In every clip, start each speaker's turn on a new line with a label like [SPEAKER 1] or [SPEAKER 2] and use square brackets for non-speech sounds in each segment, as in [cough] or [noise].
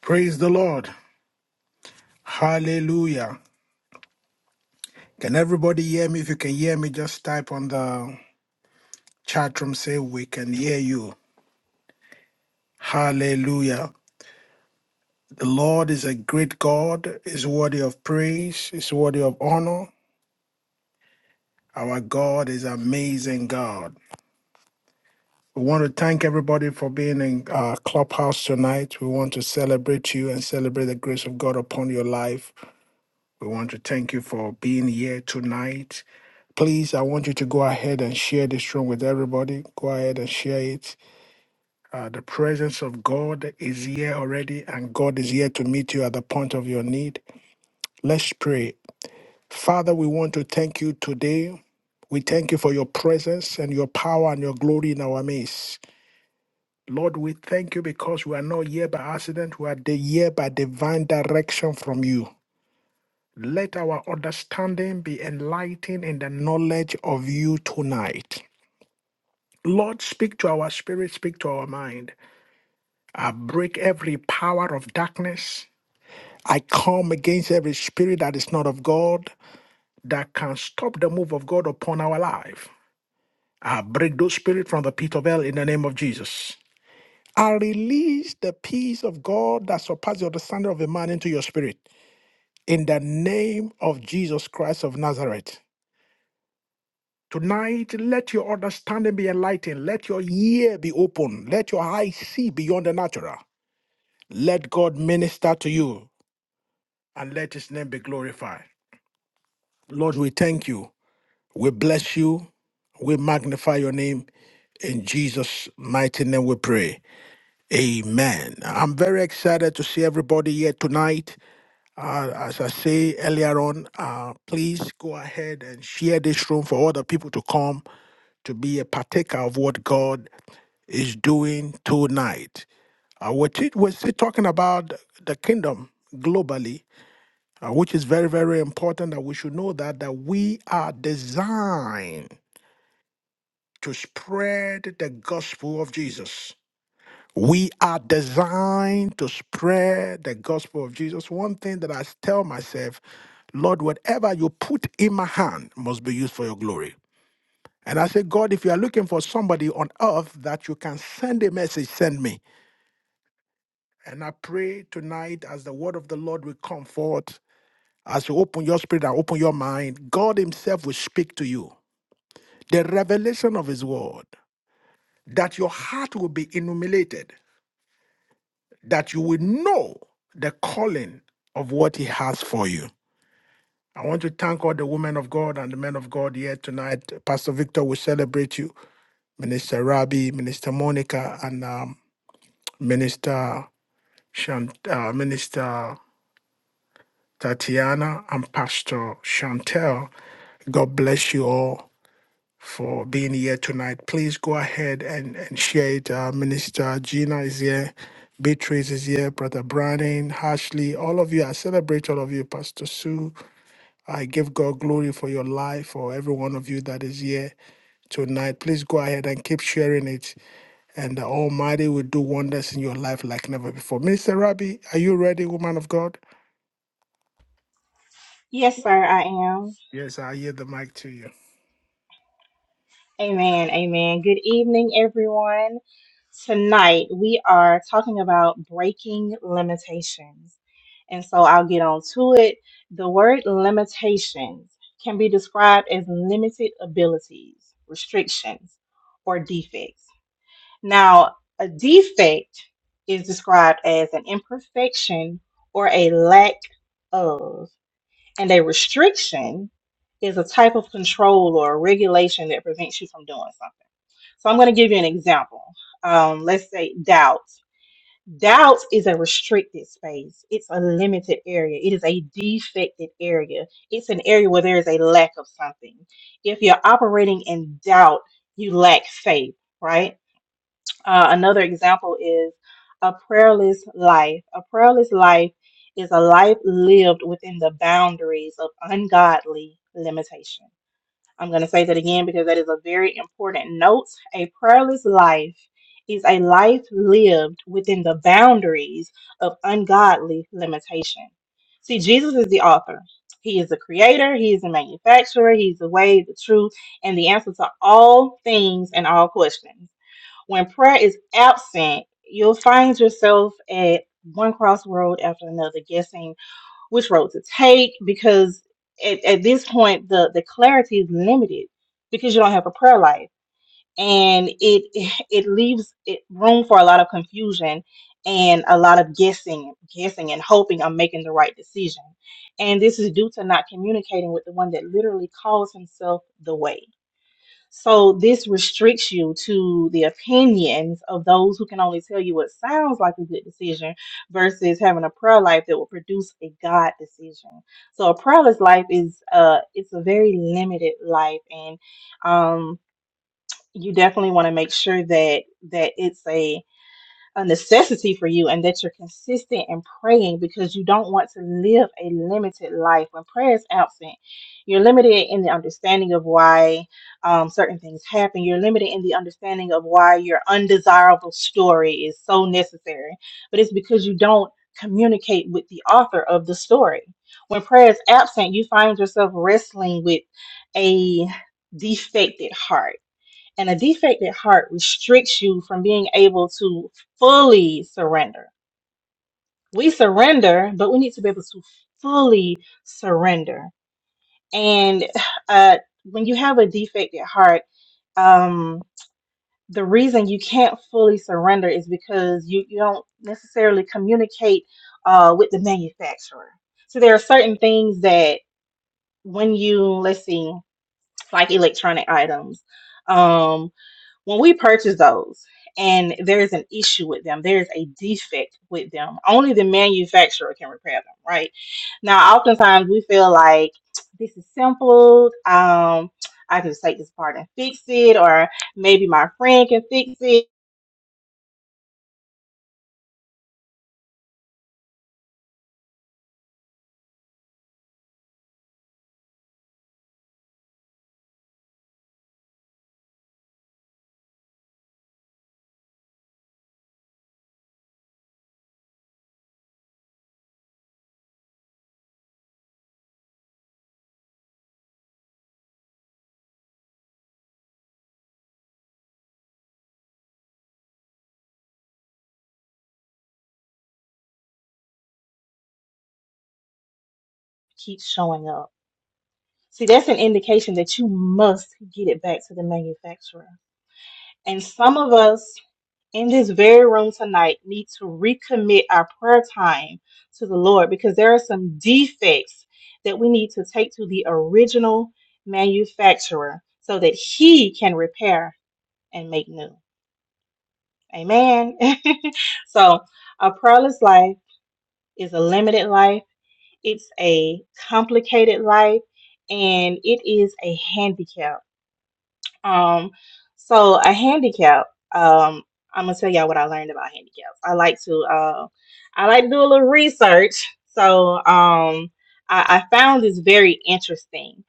[SPEAKER 1] Praise the Lord. Hallelujah. Can everybody hear me? If you can hear me, just type on the chat room, say, We can hear you. Hallelujah. The Lord is a great God, is worthy of praise, is worthy of honor. Our God is amazing God. We want to thank everybody for being in our clubhouse tonight. We want to celebrate you and celebrate the grace of God upon your life. We want to thank you for being here tonight. Please, I want you to go ahead and share this room with everybody. Go ahead and share it. Uh, the presence of God is here already, and God is here to meet you at the point of your need. Let's pray. Father, we want to thank you today. We thank you for your presence and your power and your glory in our midst. Lord, we thank you because we are not here by accident. We are the- here by divine direction from you. Let our understanding be enlightened in the knowledge of you tonight. Lord, speak to our spirit, speak to our mind. I break every power of darkness. I come against every spirit that is not of God that can stop the move of God upon our life. I break those spirits from the pit of hell in the name of Jesus. I release the peace of God that surpasses the understanding of a man into your spirit in the name of Jesus Christ of Nazareth. Tonight, let your understanding be enlightened. Let your ear be open. Let your eyes see beyond the natural. Let God minister to you and let his name be glorified. Lord, we thank you. We bless you. We magnify your name. In Jesus' mighty name we pray. Amen. I'm very excited to see everybody here tonight. Uh, as I say earlier on, uh, please go ahead and share this room for other people to come to be a partaker of what God is doing tonight. Uh, we're, t- we're still talking about the kingdom globally uh, which is very, very important that we should know that that we are designed to spread the gospel of Jesus. We are designed to spread the gospel of Jesus. One thing that I tell myself, Lord, whatever you put in my hand must be used for your glory. And I say, God, if you are looking for somebody on earth that you can send a message, send me. And I pray tonight as the word of the Lord will come forth. As you open your spirit and open your mind, God Himself will speak to you. The revelation of His word, that your heart will be illuminated, that you will know the calling of what He has for you. I want to thank all the women of God and the men of God here tonight. Pastor Victor will celebrate you, Minister Rabi, Minister Monica, and um, Minister Shant- uh, Minister Tatiana, and Pastor Chantel. God bless you all. for being here tonight. Please go ahead and, and share it. Uh, Minister Gina is here, Beatrice is here, Brother Brandon, Ashley, all of you. I celebrate all of you, Pastor Sue. I give God glory for your life, for every one of you that is here tonight. Please go ahead and keep sharing it, and the Almighty will do wonders in your life like never before. Minister Rabbi, are you ready, woman of God?
[SPEAKER 2] Yes, sir, I am.
[SPEAKER 1] Yes, I yield the mic to you.
[SPEAKER 2] Amen. Amen. Good evening, everyone. Tonight we are talking about breaking limitations. And so I'll get on to it. The word limitations can be described as limited abilities, restrictions, or defects. Now, a defect is described as an imperfection or a lack of. And a restriction is a type of control or regulation that prevents you from doing something. So I'm going to give you an example. Um, let's say doubt. Doubt is a restricted space. It's a limited area. It is a defected area. It's an area where there is a lack of something. If you're operating in doubt, you lack faith, right? Uh, another example is a prayerless life. A prayerless life is a life lived within the boundaries of ungodly limitation. I'm going to say that again because that is a very important note. A prayerless life is a life lived within the boundaries of ungodly limitation. See, Jesus is the author. He is the creator. He is the manufacturer. He's the way, the truth, and the answer to all things and all questions. When prayer is absent, you'll find yourself at one crossroad after another, guessing which road to take because at, at this point the, the clarity is limited because you don't have a prayer life. And it [laughs] it leaves it room for a lot of confusion and a lot of guessing, guessing and hoping I'm making the right decision. And this is due to not communicating with the one that literally calls himself the way. So this restricts you to the opinions of those who can only tell you what sounds like a good decision versus having a prayer life that will produce a God decision. So a prayerless life is uh it's a very limited life and um you definitely want to make sure that that it's a a necessity for you and that you're consistent in praying because you don't want to live a limited life. When prayer is absent, you're limited in the understanding of why um, certain things happen. You're limited in the understanding of why your undesirable story is so necessary. But it's because you don't communicate with the author of the story. When prayer is absent, you find yourself wrestling with a defected heart and a defective heart restricts you from being able to fully surrender. We surrender, but we need to be able to fully surrender. And uh, when you have a defective heart, um, the reason you can't fully surrender is because you, you don't necessarily communicate uh, with the manufacturer. So there are certain things that when you, let's see, like electronic items. um, when we purchase those and there's an issue with them, there's a defect with them, only the manufacturer can repair them, right? Now, oftentimes we feel like this is simple. Um, I can just take this part and fix it, or maybe my friend can fix it. Keep showing up. See, that's an indication that you must get it back to the manufacturer. And some of us in this very room tonight need to recommit our prayer time to the Lord because there are some defects that we need to take to the original manufacturer so that he can repair and make new. Amen. [laughs] so, a prayerless life is a limited life, it's a complicated life, and it is a handicap. Um, so a handicap. Um, I'm gonna tell y'all what I learned about handicaps. I like to uh, I like to do a little research. So um, I, I found this very interesting.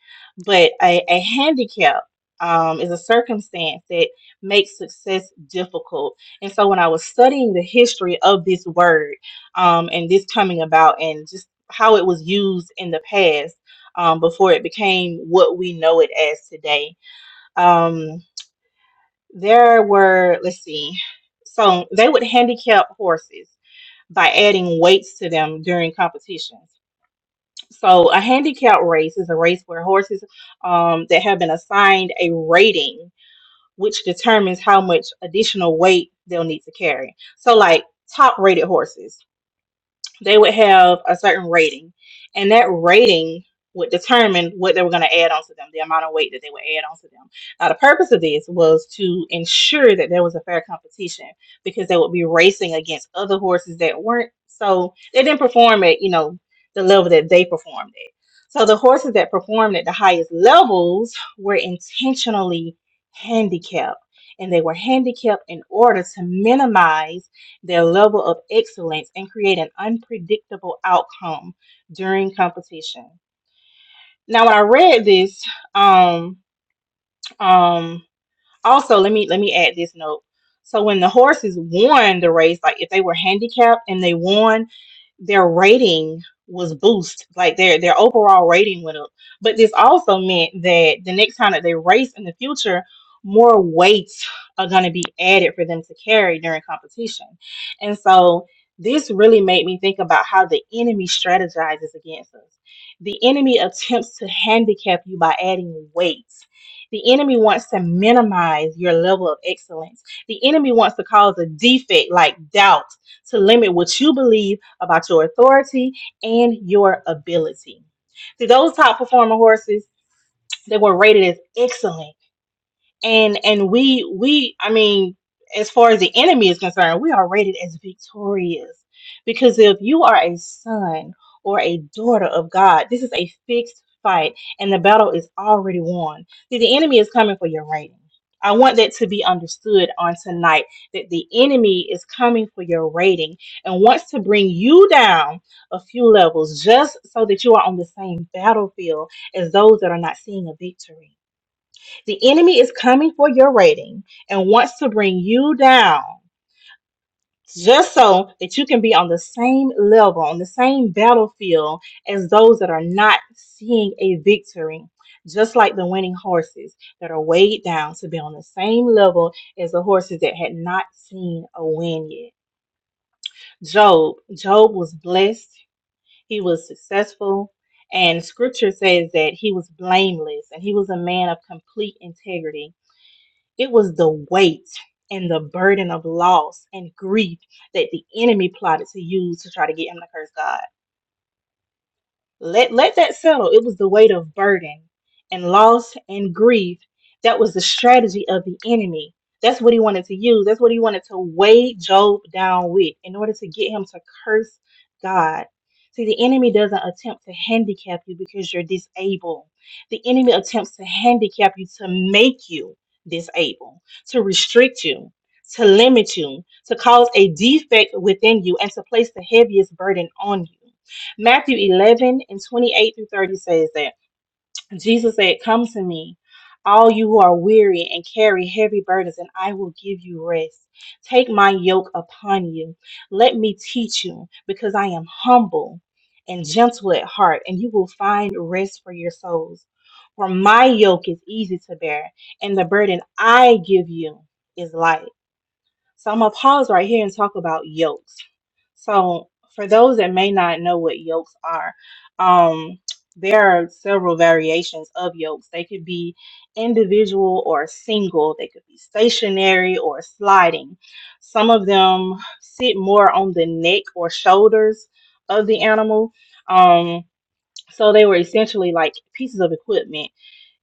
[SPEAKER 2] But a, a handicap um, is a circumstance that makes success difficult. And so when I was studying the history of this word um, and this coming about and just how it was used in the past um, before it became what we know it as today. Um, there were, let's see, so they would handicap horses by adding weights to them during competitions. So a handicap race is a race where horses um, that have been assigned a rating, which determines how much additional weight they'll need to carry. So like top rated horses they would have a certain rating, and that rating would determine what they were going to add onto them, the amount of weight that they would add onto them. Now, the purpose of this was to ensure that there was a fair competition because they would be racing against other horses that weren't so they didn't perform at you know the level that they performed at. So the horses that performed at the highest levels were intentionally handicapped, and they were handicapped in order to minimize their level of excellence and create an unpredictable outcome during competition. Now, when I read this, um, um, also let me let me add this note so when the horses won the race like if they were handicapped and they won their rating was boost like their their overall rating went up but this also meant that the next time that they race in the future more weights are going to be added for them to carry during competition and so this really made me think about how the enemy strategizes against us the enemy attempts to handicap you by adding weights. The enemy wants to minimize your level of excellence. The enemy wants to cause a defect like doubt to limit what you believe about your authority and your ability. See, those top performing horses, they were rated as excellent and and we we i mean as far as the enemy is concerned we are rated as victorious because if you are a son or a daughter of god this is a fixed fight and the battle is already won See, the enemy is coming for your rating i want that to be understood on tonight that the enemy is coming for your rating and wants to bring you down a few levels just so that you are on the same battlefield as those that are not seeing a victory the enemy is coming for your rating and wants to bring you down just so that you can be on the same level, on the same battlefield as those that are not seeing a victory. Just like the winning horses that are weighed down to be on the same level as the horses that had not seen a win yet. Job, Job was blessed, he was successful, and scripture says that he was blameless and he was a man of complete integrity It was the weight and the burden of loss and grief that the enemy plotted to use to try to get him to curse God. Let let that settle. It was the weight of burden and loss and grief. That was the strategy of the enemy. That's what he wanted to use. That's what he wanted to weigh Job down with in order to get him to curse God. See, the enemy doesn't attempt to handicap you because you're disabled. The enemy attempts to handicap you to make you disabled, to restrict you, to limit you, to cause a defect within you, and to place the heaviest burden on you. Matthew 11 and 28 through 30 says that Jesus said, Come to me, all you who are weary and carry heavy burdens, and I will give you rest. Take my yoke upon you. Let me teach you, because I am humble and gentle at heart, and you will find rest for your souls. For my yoke is easy to bear, and the burden I give you is light. So I'm going to pause right here and talk about yokes so, for those that may not know what yolks are, um, there are several variations of yolks. They could be individual or single, they could be stationary or sliding. Some of them sit more on the neck or shoulders of the animal. Um, so, they were essentially like pieces of equipment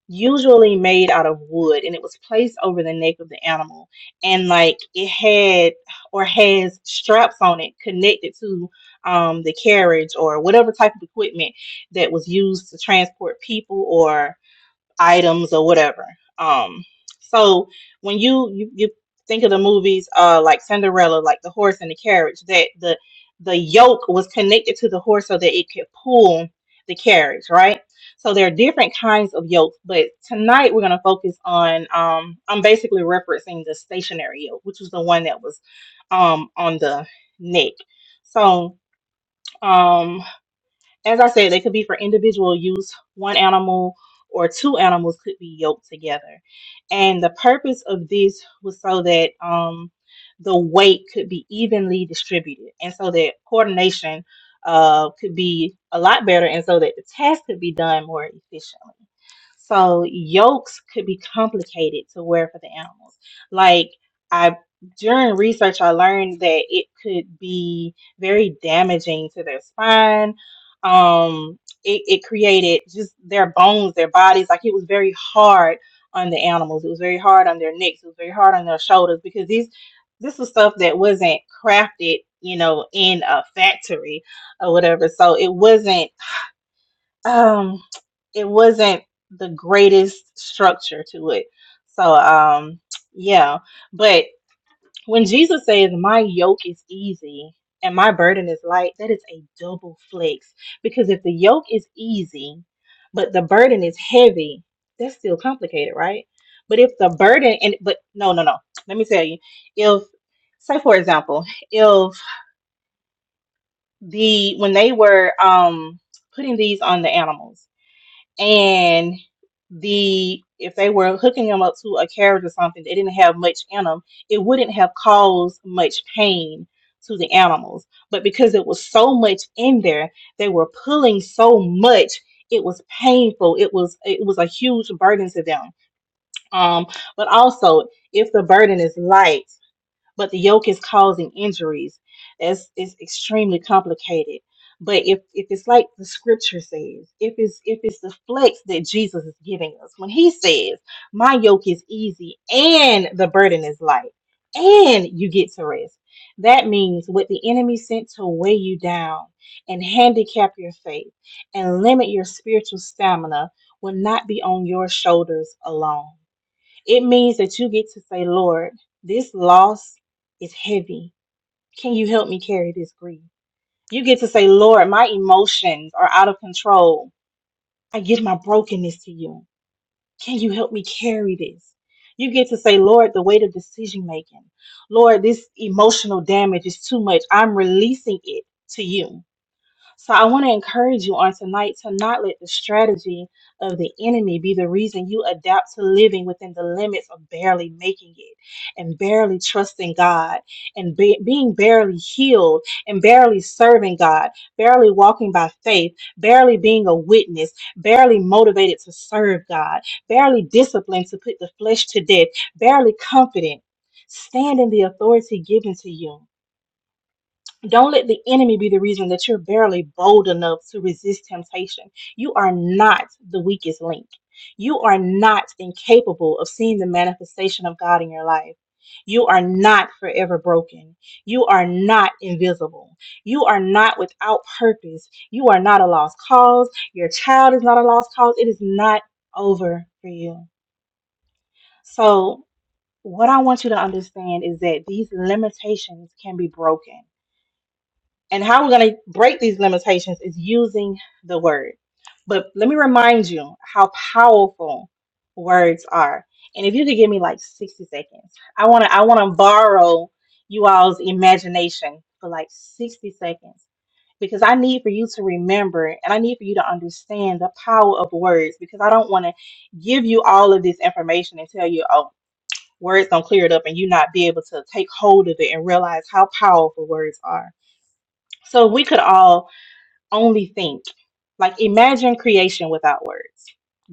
[SPEAKER 2] usually made out of wood and it was placed over the neck of the animal and like it had or has straps on it connected to um, the carriage or whatever type of equipment that was used to transport people or items or whatever. Um, so when you, you you think of the movies uh like Cinderella, like the horse and the carriage, that the the yoke was connected to the horse so that it could pull the carriage, right? So there are different kinds of yokes, but tonight we're gonna focus on um I'm basically referencing the stationary yoke, which was the one that was um on the neck. So um as I said, they could be for individual use. One animal or two animals could be yoked together. And the purpose of this was so that um, the weight could be evenly distributed and so that coordination uh, could be a lot better and so that the task could be done more efficiently. So yokes could be complicated to wear for the animals. Like I during research I learned that it could be very damaging to their spine um it, it created just their bones their bodies like it was very hard on the animals it was very hard on their necks it was very hard on their shoulders because these this was stuff that wasn't crafted you know in a factory or whatever so it wasn't um it wasn't the greatest structure to it so um yeah but. When Jesus says, My yoke is easy and my burden is light, that is a double flex. Because if the yoke is easy, but the burden is heavy, that's still complicated, right? But if the burden, and but no, no, no, let me tell you. If, say, for example, if the, when they were um, putting these on the animals, and the if they were hooking them up to a carriage or something they didn't have much in them it wouldn't have caused much pain to the animals but because it was so much in there they were pulling so much it was painful it was it was a huge burden to them um but also if the burden is light but the yoke is causing injuries. That's it's extremely complicated. But if, if it's like the scripture says, if it's if it's the flex that Jesus is giving us, when he says, My yoke is easy and the burden is light, and you get to rest. That means what the enemy sent to weigh you down and handicap your faith and limit your spiritual stamina will not be on your shoulders alone. It means that you get to say, Lord, this loss is heavy. Can you help me carry this grief? You get to say, Lord, my emotions are out of control. I give my brokenness to you. Can you help me carry this? You get to say, Lord, the weight of decision making. Lord, this emotional damage is too much. I'm releasing it to you. So I want to encourage you on tonight to not let the strategy of the enemy be the reason you adapt to living within the limits of barely making it and barely trusting God and be- being barely healed and barely serving God, barely walking by faith, barely being a witness, barely motivated to serve God, barely disciplined to put the flesh to death, barely confident. Stand in the authority given to you don't let the enemy be the reason that you're barely bold enough to resist temptation. You are not the weakest link. You are not incapable of seeing the manifestation of God in your life. You are not forever broken. You are not invisible. You are not without purpose. You are not a lost cause. Your child is not a lost cause. It is not over for you. So, what I want you to understand is that these limitations can be broken and how we're going to break these limitations is using the word. But let me remind you how powerful words are. And if you could give me like 60 seconds, I want to I want to borrow you all's imagination for like 60 seconds because I need for you to remember and I need for you to understand the power of words because I don't want to give you all of this information and tell you, "Oh, words don't clear it up and you not be able to take hold of it and realize how powerful words are." So if we could all only think. Like imagine creation without words.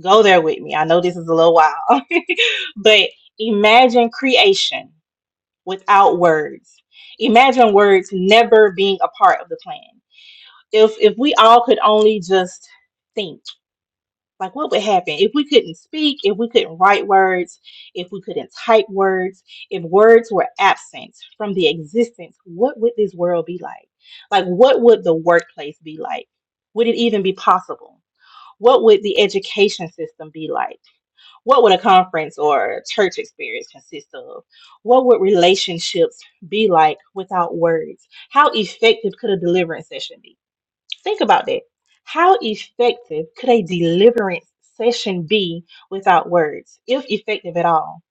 [SPEAKER 2] Go there with me. I know this is a little wild, [laughs] but imagine creation without words. Imagine words never being a part of the plan. If if we all could only just think like, what would happen if we couldn't speak, if we couldn't write words, if we couldn't type words, if words were absent from the existence? What would this world be like? Like, what would the workplace be like? Would it even be possible? What would the education system be like? What would a conference or a church experience consist of? What would relationships be like without words? How effective could a deliverance session be? Think about that. How effective could a deliverance session be without words, if effective at all?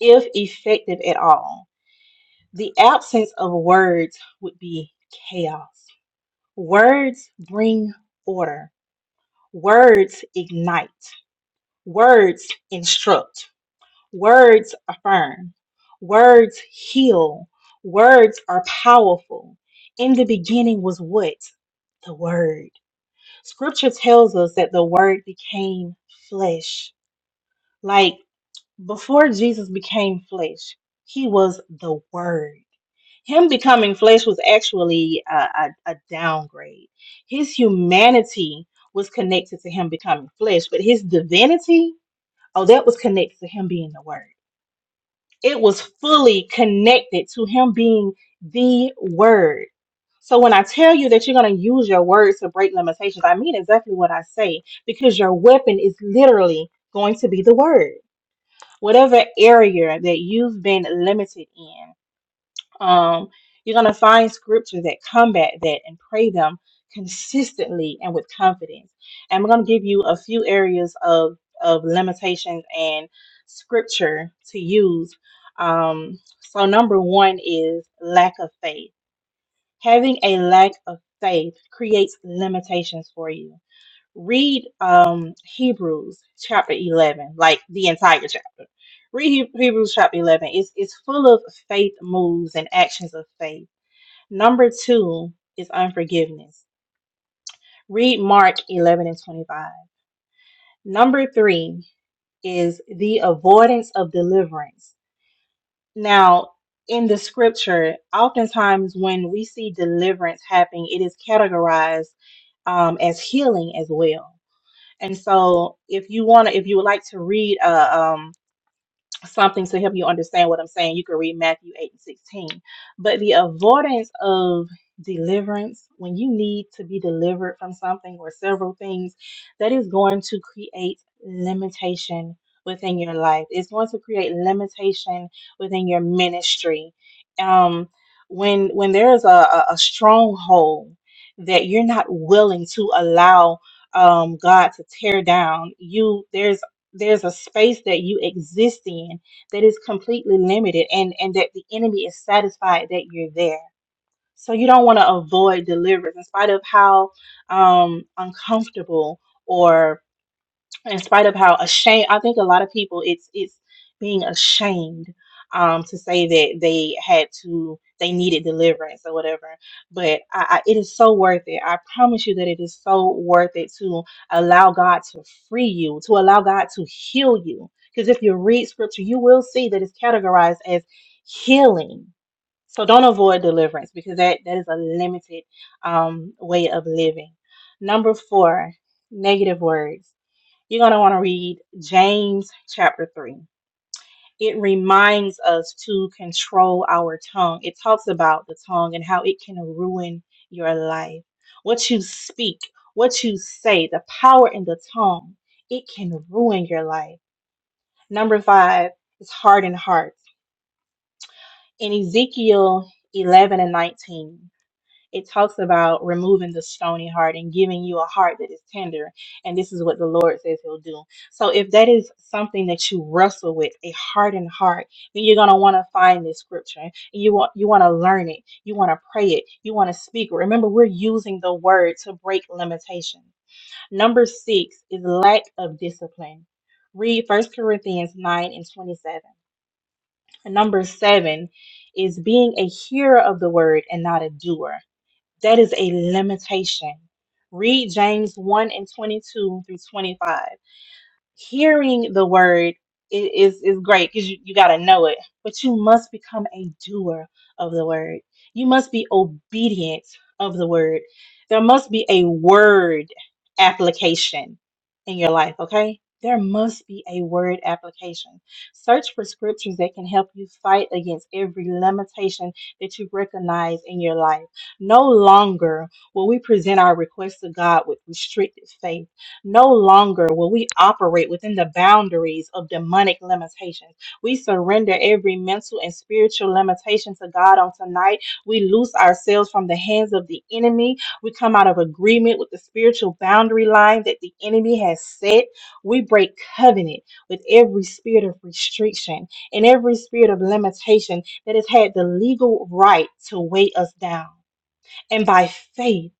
[SPEAKER 2] If effective at all, the absence of words would be chaos. Words bring order, words ignite, words instruct, words affirm, words heal, words are powerful. In the beginning was what? The Word. Scripture tells us that the word became flesh. Like before Jesus became flesh, he was the word. Him becoming flesh was actually a, a, a downgrade. His humanity was connected to him becoming flesh, but his divinity, oh, that was connected to him being the word. It was fully connected to him being the word. So when I tell you that you're going to use your words to break limitations, I mean exactly what I say because your weapon is literally going to be the word. Whatever area that you've been limited in, um, you're going to find scriptures that combat that and pray them consistently and with confidence. And we're going to give you a few areas of, of limitations and scripture to use. Um, so, number one is lack of faith. Having a lack of faith creates limitations for you read um Hebrews chapter 11, like the entire chapter. Read He- Hebrews chapter 11. It's it's full of faith moves and actions of faith. Number 2 is unforgiveness. Read Mark 11 and 25. Number 3 is the avoidance of deliverance. Now, in the scripture, oftentimes when we see deliverance happening, it is categorized um, as healing as well. And so if you want to, if you would like to read a um, something to help you understand what I'm saying, you can read Matthew 8 and 16. But the avoidance of deliverance, when you need to be delivered from something or several things, that is going to create limitation within your life. It's going to create limitation within your ministry. Um, when when there is a, a a stronghold that you're not willing to allow um, God to tear down, you there's there's a space that you exist in that is completely limited and and that the enemy is satisfied that you're there so you don't want to avoid deliverance in spite of how um uncomfortable or in spite of how ashamed i think a lot of people it's it's being ashamed um to say that they had to they needed deliverance or whatever but I, I it is so worth it i promise you that it is so worth it to allow god to free you to allow god to heal you because if you read scripture you will see that it's categorized as healing so don't avoid deliverance because that that is a limited um way of living number four negative words you're going to want to read James chapter 3. It reminds us to control our tongue. It talks about the tongue and how it can ruin your life. What you speak, what you say, the power in the tongue, it can ruin your life. Number five is hardened hearts. In Ezekiel 11 and 19, it talks about removing the stony heart and giving you a heart that is tender. And this is what the Lord says He'll do. So, if that is something that you wrestle with, a hardened heart, then you're gonna want to find this scripture. You want you want to learn it. You want to pray it. You want to speak. Remember, we're using the word to break limitation. Number six is lack of discipline. Read First Corinthians 9 and 27. And number seven is being a hearer of the word and not a doer. That is a limitation. Read James 1 and 22 through 25 hearing the word i- is is great because you, you got to know it but you must become a doer of the word you must be obedient of the word there must be a word application in your life okay there must be a word application search for scriptures that can help you fight against every limitation that you recognize in your life no longer will we present our requests to god with restricted faith no longer will we operate within the boundaries of demonic limitations. We surrender every mental and spiritual limitation to God on tonight. We loose ourselves from the hands of the enemy. We come out of agreement with the spiritual boundary line that the enemy has set. We break covenant with every spirit of restriction and every spirit of limitation that has had the legal right to weigh us down. And by faith,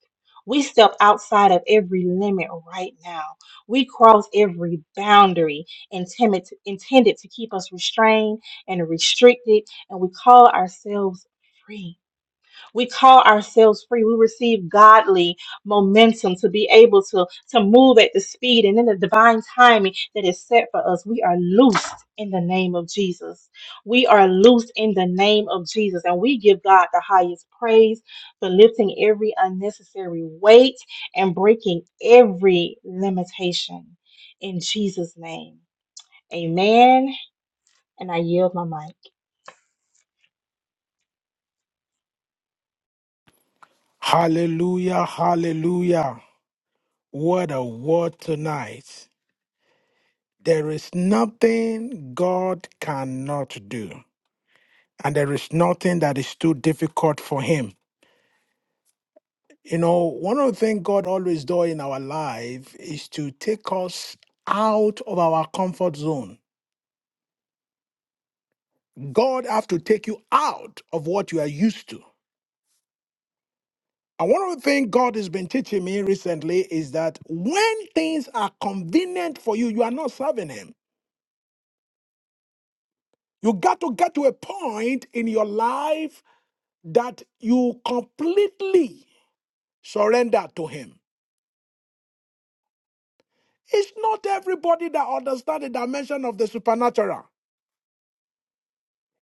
[SPEAKER 2] we step outside of every limit right now. We cross every boundary intended to, intended to keep us restrained and restricted, and we call ourselves free we call ourselves free we receive godly momentum to be able to to move at the speed and in the divine timing that is set for us we are loosed in the name of jesus we are loosed in the name of jesus and we give god the highest praise for lifting every unnecessary weight and breaking every limitation in jesus name amen and i yield my mic
[SPEAKER 1] Hallelujah, hallelujah. What a word tonight. There is nothing God cannot do, and there is nothing that is too difficult for Him. You know, one of the things God always does in our life is to take us out of our comfort zone. God have to take you out of what you are used to. And one of the things God has been teaching me recently is that when things are convenient for you, you are not serving Him. You got to get to a point in your life that you completely surrender to him. It's not everybody that understands the dimension of the supernatural.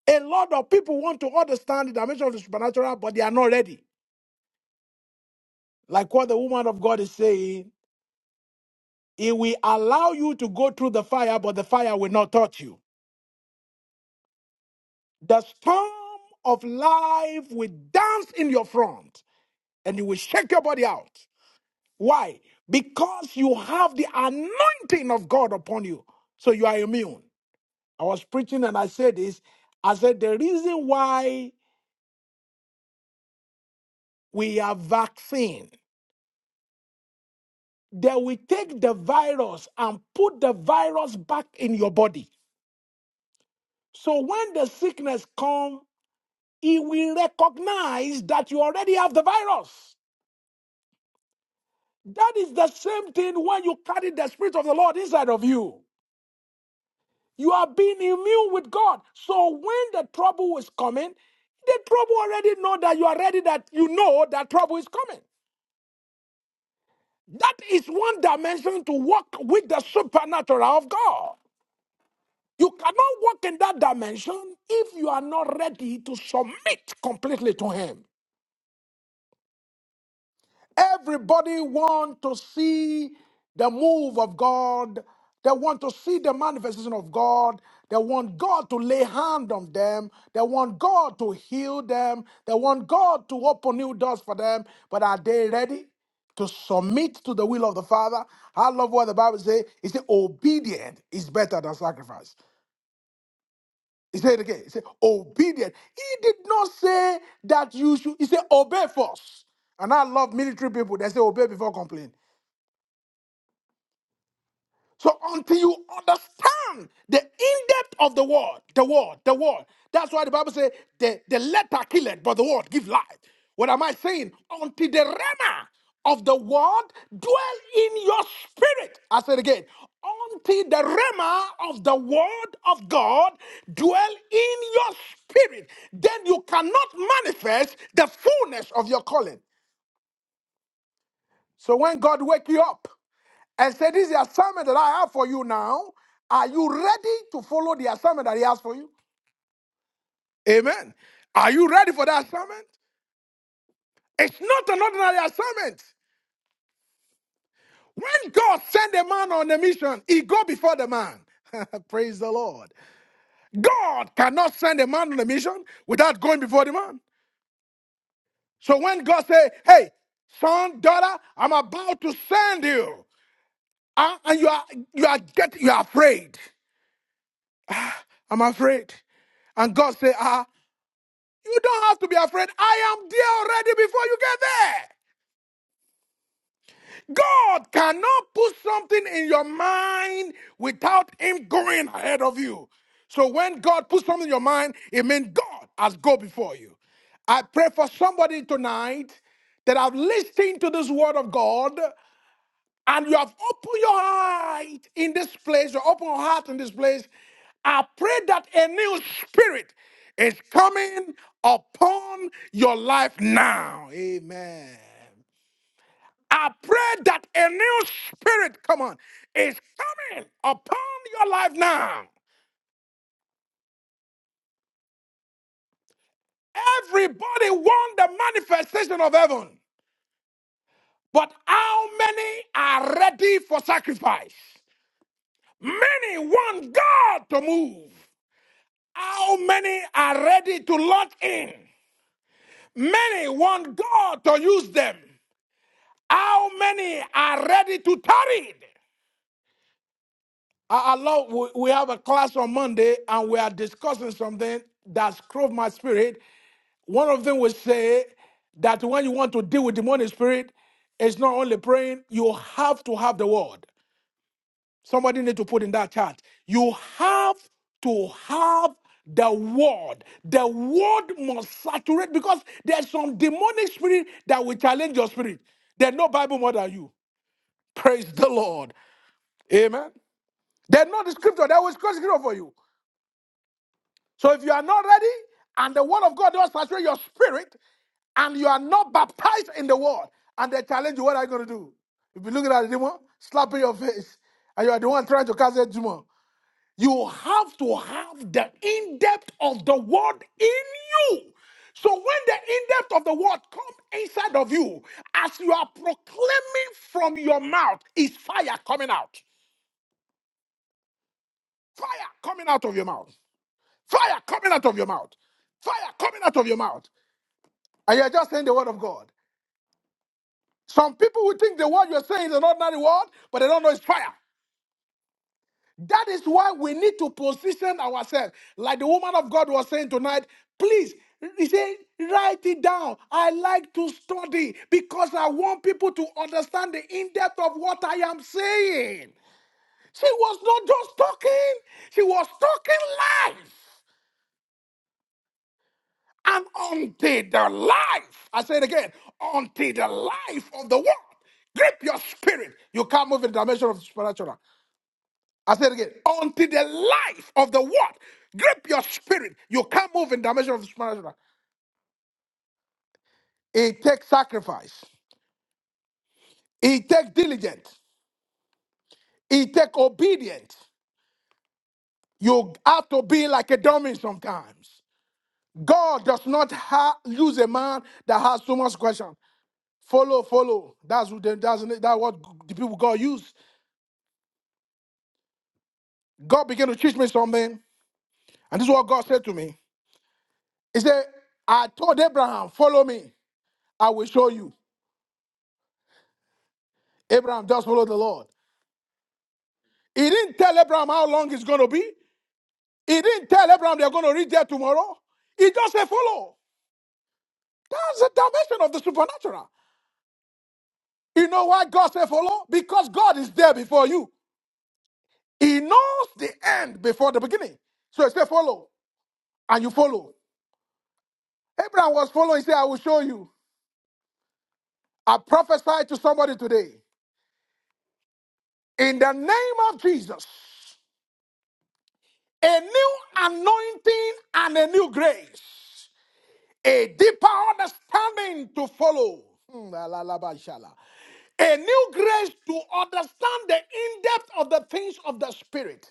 [SPEAKER 1] A lot of people want to understand the dimension of the supernatural, but they are not ready. Like what the woman of God is saying, it will allow you to go through the fire, but the fire will not touch you. The storm of life will dance in your front and you will shake your body out. Why? Because you have the anointing of God upon you. So you are immune. I was preaching and I said this. I said the reason why we have vaccine, that we take the virus and put the virus back in your body. So when the sickness come, it will recognize that you already have the virus. That is the same thing when you carry the spirit of the Lord inside of you. You are being immune with God. So when the trouble is coming, the trouble already know that you are ready that you know that trouble is coming. That is one dimension to walk with the supernatural of God. You cannot walk in that dimension if you are not ready to submit completely to Him. Everybody want to see the move of God. They want to see the manifestation of God. They want God to lay hand on them. They want God to heal them. They want God to open new doors for them. But are they ready to submit to the will of the Father? I love what the Bible says. It says, obedient is better than sacrifice. He said it again, he said, obedient. He did not say that you should, he said, obey first. And I love military people. They say, obey before complain. So until you understand the in-depth of the word, the word, the word. That's why the Bible says the, the letter kill it, but the word give life. What am I saying? Until the rema of the word dwell in your spirit. I said again, until the rema of the word of God dwell in your spirit, then you cannot manifest the fullness of your calling. So when God wake you up, and said, This is the assignment that I have for you now. Are you ready to follow the assignment that He has for you? Amen. Are you ready for that assignment? It's not an ordinary assignment. When God sent a man on a mission, he go before the man. [laughs] Praise the Lord. God cannot send a man on a mission without going before the man. So when God say, "Hey, son, daughter, I'm about to send you," ah, and you are you are get you are afraid. I'm afraid. And God say, ah, You don't have to be afraid. I am there already before you get there. God cannot put something in your mind without Him going ahead of you. So when God puts something in your mind, it means God has gone before you. I pray for somebody tonight that have listened to this word of God and you have opened your heart in this place, your open heart in this place, I pray that a new spirit is coming upon your life now. Amen. I pray that a new spirit, come on, is coming upon your life now. Everybody wants the manifestation of heaven, but how many are ready for sacrifice? Many want God to move. How many are ready to lock in? Many want God to use them. How many are ready to tarry? I, I love, we, we have a class on Monday and we are discussing something that scrubbed my spirit. One of them will say that when you want to deal with demonic spirit, it's not only praying, you have to have the word. Somebody need to put in that chat. You have to have the word. The word must saturate because there's some demonic spirit that will challenge your spirit. They know Bible more than you. Praise the Lord. Amen. They know the scripture. They will quote scripture for you. So if you are not ready and the word of God does saturate your spirit and you are not baptized in the word and they challenge you, what are you going to do? If you look at the demon, slap in your face and you are the one trying to cast a demon. You have to have the in depth of the word in you. So when the in depth of the word come inside of you, as you are proclaiming from your mouth, is fire coming out. Fire coming out of your mouth. Fire coming out of your mouth. Fire coming out of your mouth. And you're just saying the word of God. Some people will think the word you're saying is an ordinary word, but they don't know it's fire. That is why we need to position ourselves. Like the woman of God was saying tonight, please, he said, write it down. I like to study because I want people to understand the in depth of what I am saying. She was not just talking, she was talking life. And unto the life, I say it again, unto the life of the world. Grip your spirit. You can't move in the dimension of the spiritual. I said it again. Until the life of the word grip your spirit, you can't move in dimension of the supernatural. It takes sacrifice. It takes diligence. It takes obedience. You have to be like a dummy sometimes. God does not ha- use a man that has so much question. Follow, follow. That's what they, that's, that's what the people God use. God began to teach me something, and this is what God said to me. He said, I told Abraham, follow me. I will show you. Abraham just followed the Lord. He didn't tell Abraham how long it's going to be. He didn't tell Abraham they're going to reach there tomorrow. He just said, follow. That's the dimension of the supernatural. You know why God said follow? Because God is there before you. He knows the end before the beginning. So he said, follow. And you follow. Abraham was following. He said, I will show you. I prophesied to somebody today. In the name of Jesus, a new anointing and a new grace. a deeper understanding to follow. Hmm, la, la, la, ba, sha, A new grace to understand the in depth of the things of the Spirit.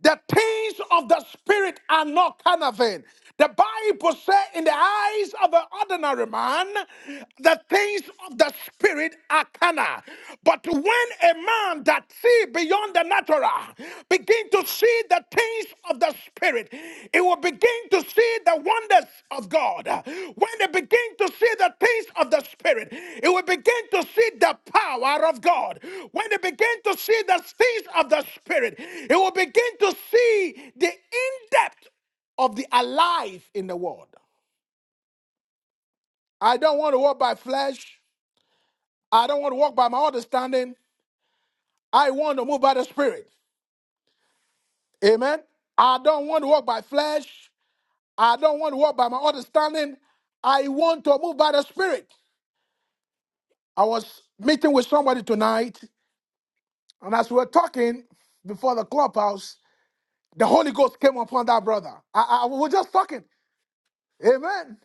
[SPEAKER 1] The things of the Spirit are not kind of vain. The Bible says, in the eyes of an ordinary man, the things of the Spirit are carnal. But when a man that see beyond the natural begin to see the things of the Spirit, it will begin to see the wonders of God. When they begin to see the things of the Spirit, it will begin to see the power of God. When they begin to see the things of the Spirit, it will begin to see the in depth of the alive in the world. I don't want to walk by flesh. I don't want to walk by my understanding. I want to move by the Spirit. Amen. I don't want to walk by flesh. I don't want to walk by my understanding. I want to move by the Spirit. I was meeting with somebody tonight, and as we were talking before the clubhouse, the Holy Ghost came upon that brother. I, I we were just talking. Amen.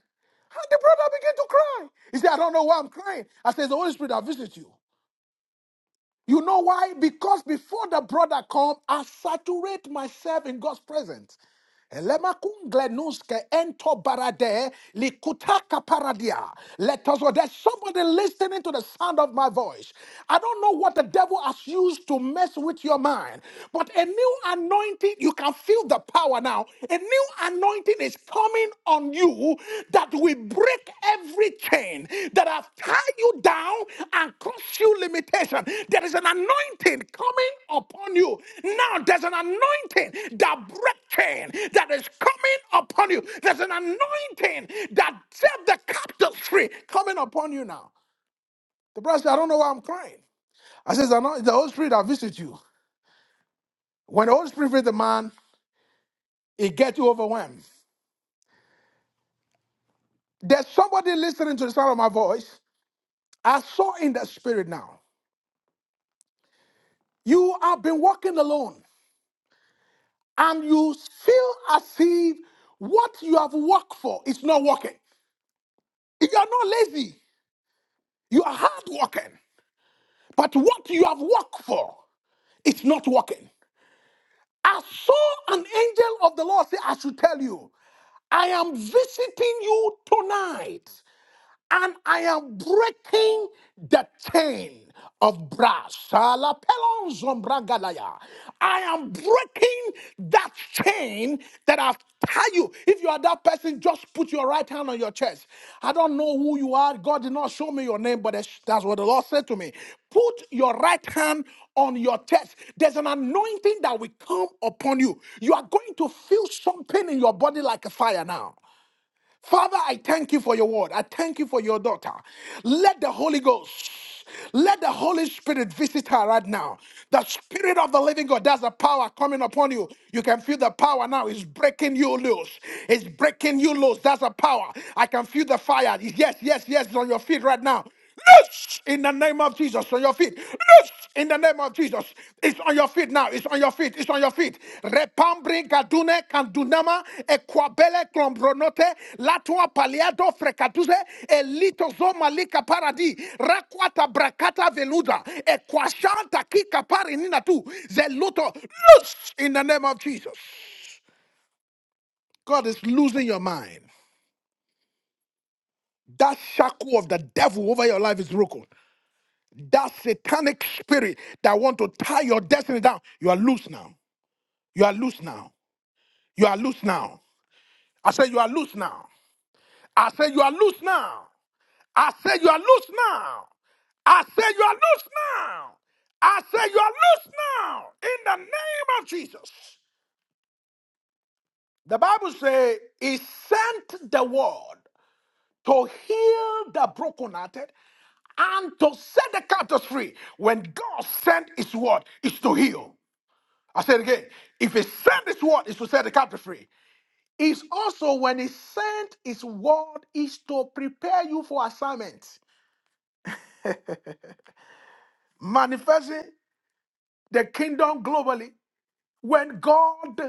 [SPEAKER 1] And the brother began to cry. He said, I don't know why I'm crying. I said, "It's The Holy Spirit that visit you. You know why? Because before the brother come, I saturate myself in God's presence. Elemakunglenuske ento barade likutaka paradia. Let us, oh, there's somebody listening to the sound of my voice. I don't know what the devil has used to mess with your mind, but a new anointing, you can feel the power now. A new anointing is coming on you that we break every chain that has tied you down and caused you limitation. There is an anointing coming upon you. Now there's an anointing that break chain that is coming upon you. There's an anointing that set the captives free coming upon you now. The brother said, I don't know why I'm crying. I says, I know the Holy Spirit that visit you. When the Holy Spirit visit the man, it gets you overwhelmed. There's somebody listening to the sound of my voice. I saw in the spirit now. You have been walking alone and you feel as if what you have worked for is not working. You are not lazy, you are hard working, but what you have worked for is not working. I saw an angel of the Lord say, I should tell you, I am visiting you tonight. and I am breaking the chain of brass. Salapelonzom bragalaya. I am breaking that chain that I've tied you. If you are that person, just put your right hand on your chest. I don't know who you are. God did not show me your name, but that's that's what the Lord said to me. Put your right hand on your chest. There's an anointing that will come upon you. You are going to feel something in your body like a fire now. Father, I thank you for your word. I thank you for your daughter. Let the Holy Ghost, let the Holy Spirit visit her right now. The Spirit of the living God, there's a power coming upon you. You can feel the power now. It's breaking you loose. It's breaking you loose. That's a power. I can feel the fire. Yes, yes, yes, on your feet right now. Loose in the name of Jesus on your feet. Loose in the name of Jesus. It's on your feet now. It's on your feet. It's on your feet. Repambri gadune candunama equabele clombronote latua paliado frecatuse elitozo malika paradi rakwata brakata veluda equashanta kika parinina tu zeluto. Loose in the name of Jesus. God is losing your mind. That shackle of the devil over your life is broken. That satanic spirit that want to tie your destiny down, you are loose now. You are loose now. You are loose now. I say you are loose now. I say you are loose now. I say you are loose now. I say you are loose now. I say you are loose now in the name of Jesus. The Bible says he sent the word to heal the brokenhearted and to set the captives free. When God sent his word, it's to heal. I said again, if he sent his word, is to set the captive free. It's also when he sent his word, is to prepare you for assignment, manifesting the kingdom globally. When God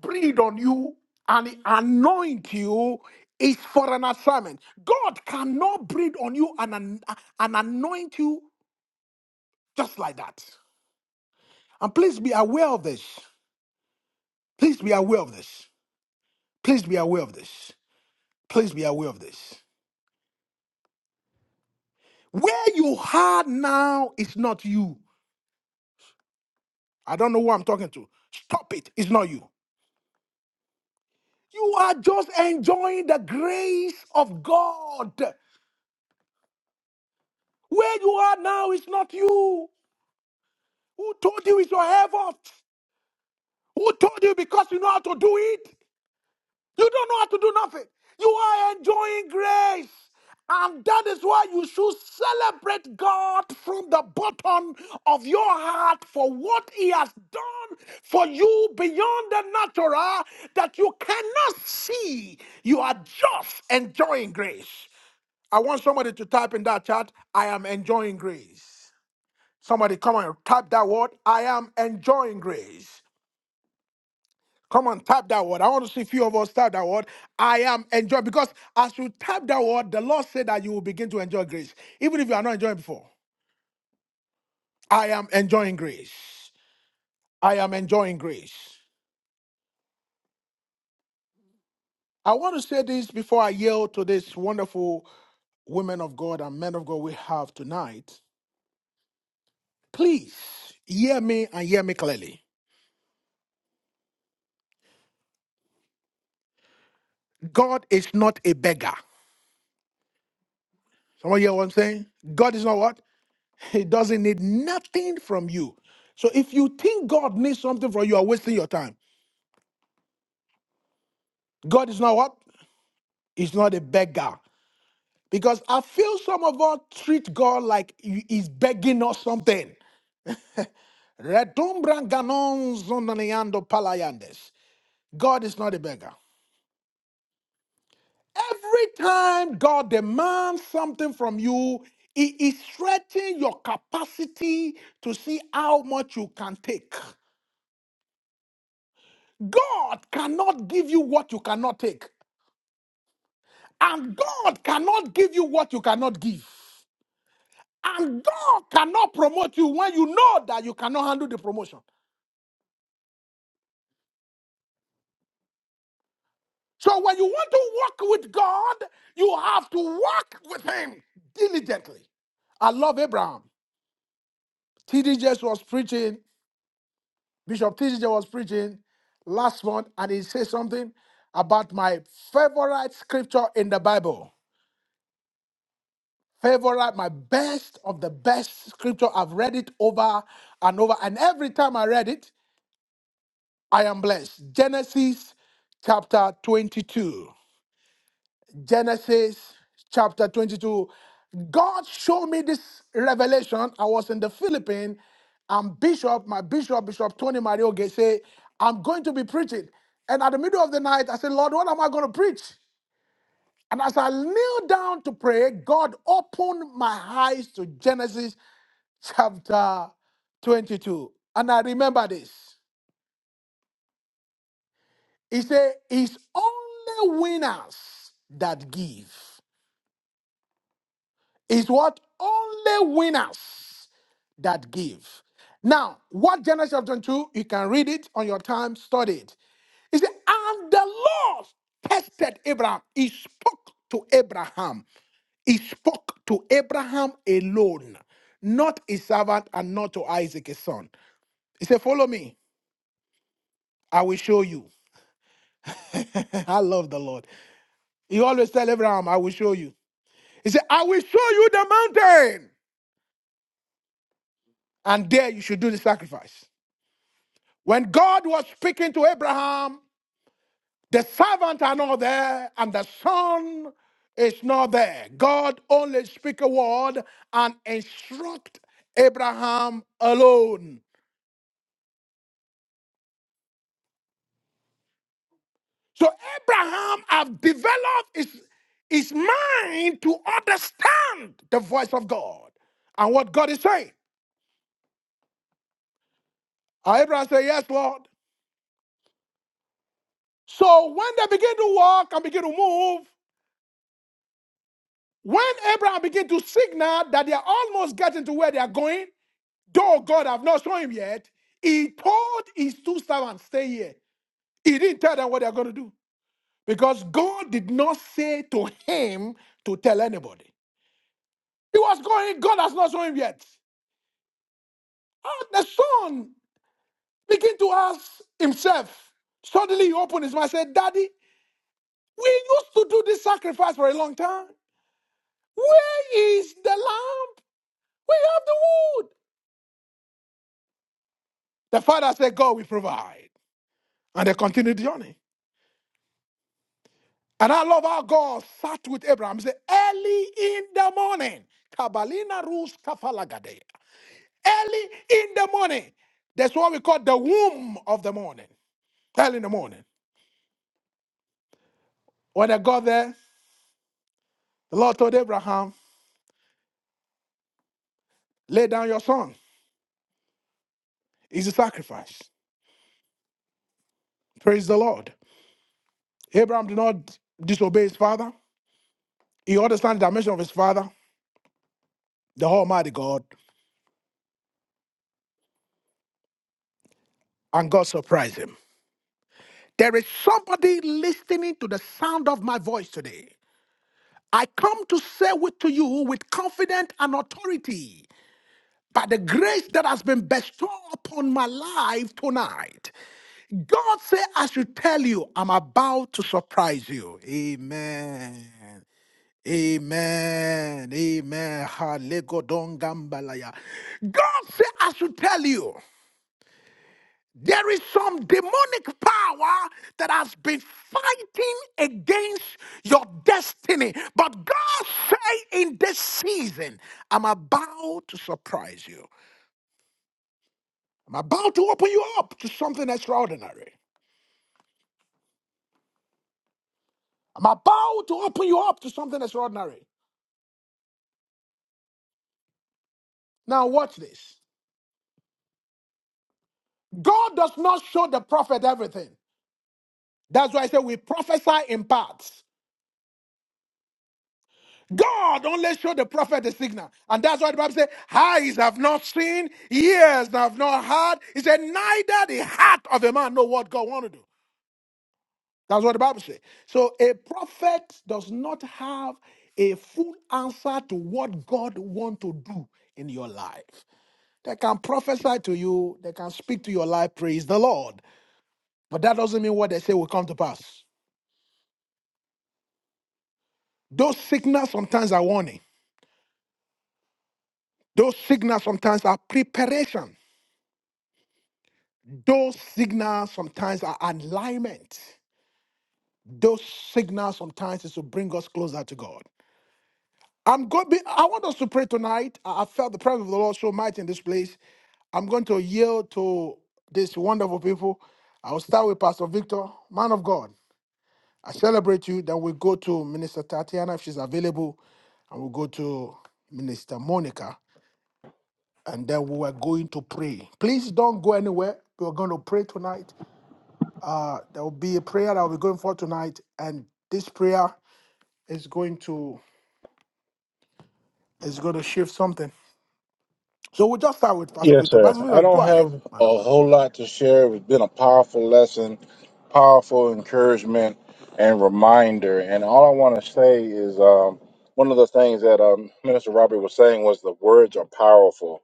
[SPEAKER 1] breathed on you and he anoint you, is for an assignment. God cannot breathe on you and, an- and anoint you just like that. And please be aware of this. Please be aware of this. Please be aware of this. Please be aware of this. Where you are now is not you. I don't know who I'm talking to. Stop it. It's not you. You are just enjoying the grace of God. Where you are now is not you. Who told you it's your effort? Who told you because you know how to do it? You don't know how to do nothing. You are enjoying grace. And that is why you should celebrate God from the bottom of your heart for what He has done for you beyond the natural that you cannot see. You are just enjoying grace. I want somebody to type in that chat, I am enjoying grace. Somebody come and type that word, I am enjoying grace. Come on, tap that word. I want to see a few of us tap that word. I am enjoying because as you tap that word, the Lord said that you will begin to enjoy grace, even if you are not enjoying before. I am enjoying grace. I am enjoying grace. I want to say this before I yield to this wonderful women of God and men of God we have tonight. Please hear me and hear me clearly. God is not a beggar. Someone hear what I'm saying? God is not what? He doesn't need nothing from you. So if you think God needs something from you, you are wasting your time. God is not what? He's not a beggar. Because I feel some of us treat God like he- he's begging us something. Redumbran ganon zonaniando palayandes. God is not a beggar. Every time God demands something from you, He is stretching your capacity to see how much you can take. God cannot give you what you cannot take. And God cannot give you what you cannot give. And God cannot promote you when you know that you cannot handle the promotion. So when you want to walk with God, you have to walk with Him diligently. I love Abraham. T.D. Jakes was preaching, Bishop T.D. Jakes was preaching last month, and he said something about my favorite scripture in the Bible. Favorite, my best of the best scripture. I've read it over and over, and every time I read it, I am blessed. Genesis chapter 22. Genesis chapter 22. God showed me this revelation. I was in the Philippines, and Bishop, my Bishop, Bishop Tony Mario say, I'm going to be preaching. And at the middle of the night, I said, Lord, what am I going to preach? And as I kneel down to pray, God opened my eyes to Genesis chapter 22. And I remember this. He said, It's only winners that give. It's what? Only winners that give. Now, what Genesis chapter 2, you can read it on your time, study it. He said, And the Lord tested Abraham. He spoke to Abraham. He spoke to Abraham alone, not his servant and not to Isaac, his son. He said, Follow me. I will show you. [laughs] I love the Lord. He always tell Abraham, I will show you. He said, I will show you the mountain, and there you should do the sacrifice. When God was speaking to Abraham, the servant are not there, and the son is not there. God only speaks a word and instructs Abraham alone. So Abraham has developed his, his mind to understand the voice of God and what God is saying. And Abraham said, Yes, Lord. So when they begin to walk and begin to move, When Abraham began to signal that they are almost getting to where they are going, though God have not shown him yet, he told his two servants, stay here. He didn't tell them what they're going to do because God did not say to him to tell anybody. He was going, God has not shown him yet. And the son began to ask himself, suddenly he opened his mouth and said, Daddy, we used to do this sacrifice for a long time. Where is the lamb? We have the wood. The father said, God will provide. And they continued the journey. And I love how God sat with Abraham. He said, early in the morning, Kabalina Rus Kafalagade. Early in the morning. That's what we call the womb of the morning. Early in the morning. When they got there, the Lord told Abraham, lay down your son. He's a sacrifice. Praise the Lord. Abraham did not disobey his father. He understands the dimension of his father, the Almighty God, and God surprised him. There is somebody listening to the sound of my voice today. I come to say with to you with confidence and authority by the grace that has been bestowed upon my life tonight. God said, I should tell you, I'm about to surprise you. Amen. Amen. Amen. Halegodongambalaya. God said, I should tell you. There is some demonic power that has been fighting against your destiny. But God say in this season, I'm about to surprise you. I'm about to open you up to something extraordinary. I'm about to open you up to something extraordinary. Now watch this. God does not show the prophet everything. That's why I say we prophesy in parts. God only showed the prophet the signal. And that's why the Bible says, eyes have not seen, ears have not heard. He said, neither the heart of a man know what God want to do. That's what the Bible says. So a prophet does not have a full answer to what God want to do in your life. They can prophesy to you, they can speak to your life, praise the Lord. But that doesn't mean what they say will come to pass. Those signals sometimes are warning. Those signals sometimes are preparation. Those signals sometimes are alignment. Those signals sometimes is to bring us closer to God. I'm going. Be, I want us to pray tonight. I I felt the presence of the Lord so mighty in this place. I'm going to yield to these wonderful people. I will start with Pastor Victor, man of God. I celebrate you. Then we go to Minister Tatiana if she's available, and we'll go to Minister Monica, and then we are going to pray. Please don't go anywhere. We're going to pray tonight. Uh, there will be a prayer that will be going for tonight, and this prayer is going to is going to shift something. So we'll just start with Pastor
[SPEAKER 3] Yes,
[SPEAKER 1] Victor.
[SPEAKER 3] sir.
[SPEAKER 1] Pastor
[SPEAKER 3] I
[SPEAKER 1] Victor, go
[SPEAKER 3] don't
[SPEAKER 1] ahead,
[SPEAKER 3] have
[SPEAKER 1] man of
[SPEAKER 3] a
[SPEAKER 1] God.
[SPEAKER 3] whole lot to share. It's been a powerful lesson, powerful encouragement, and reminder. And all I want to say is um, one of the things that um, Minister Robert was saying was the words are powerful,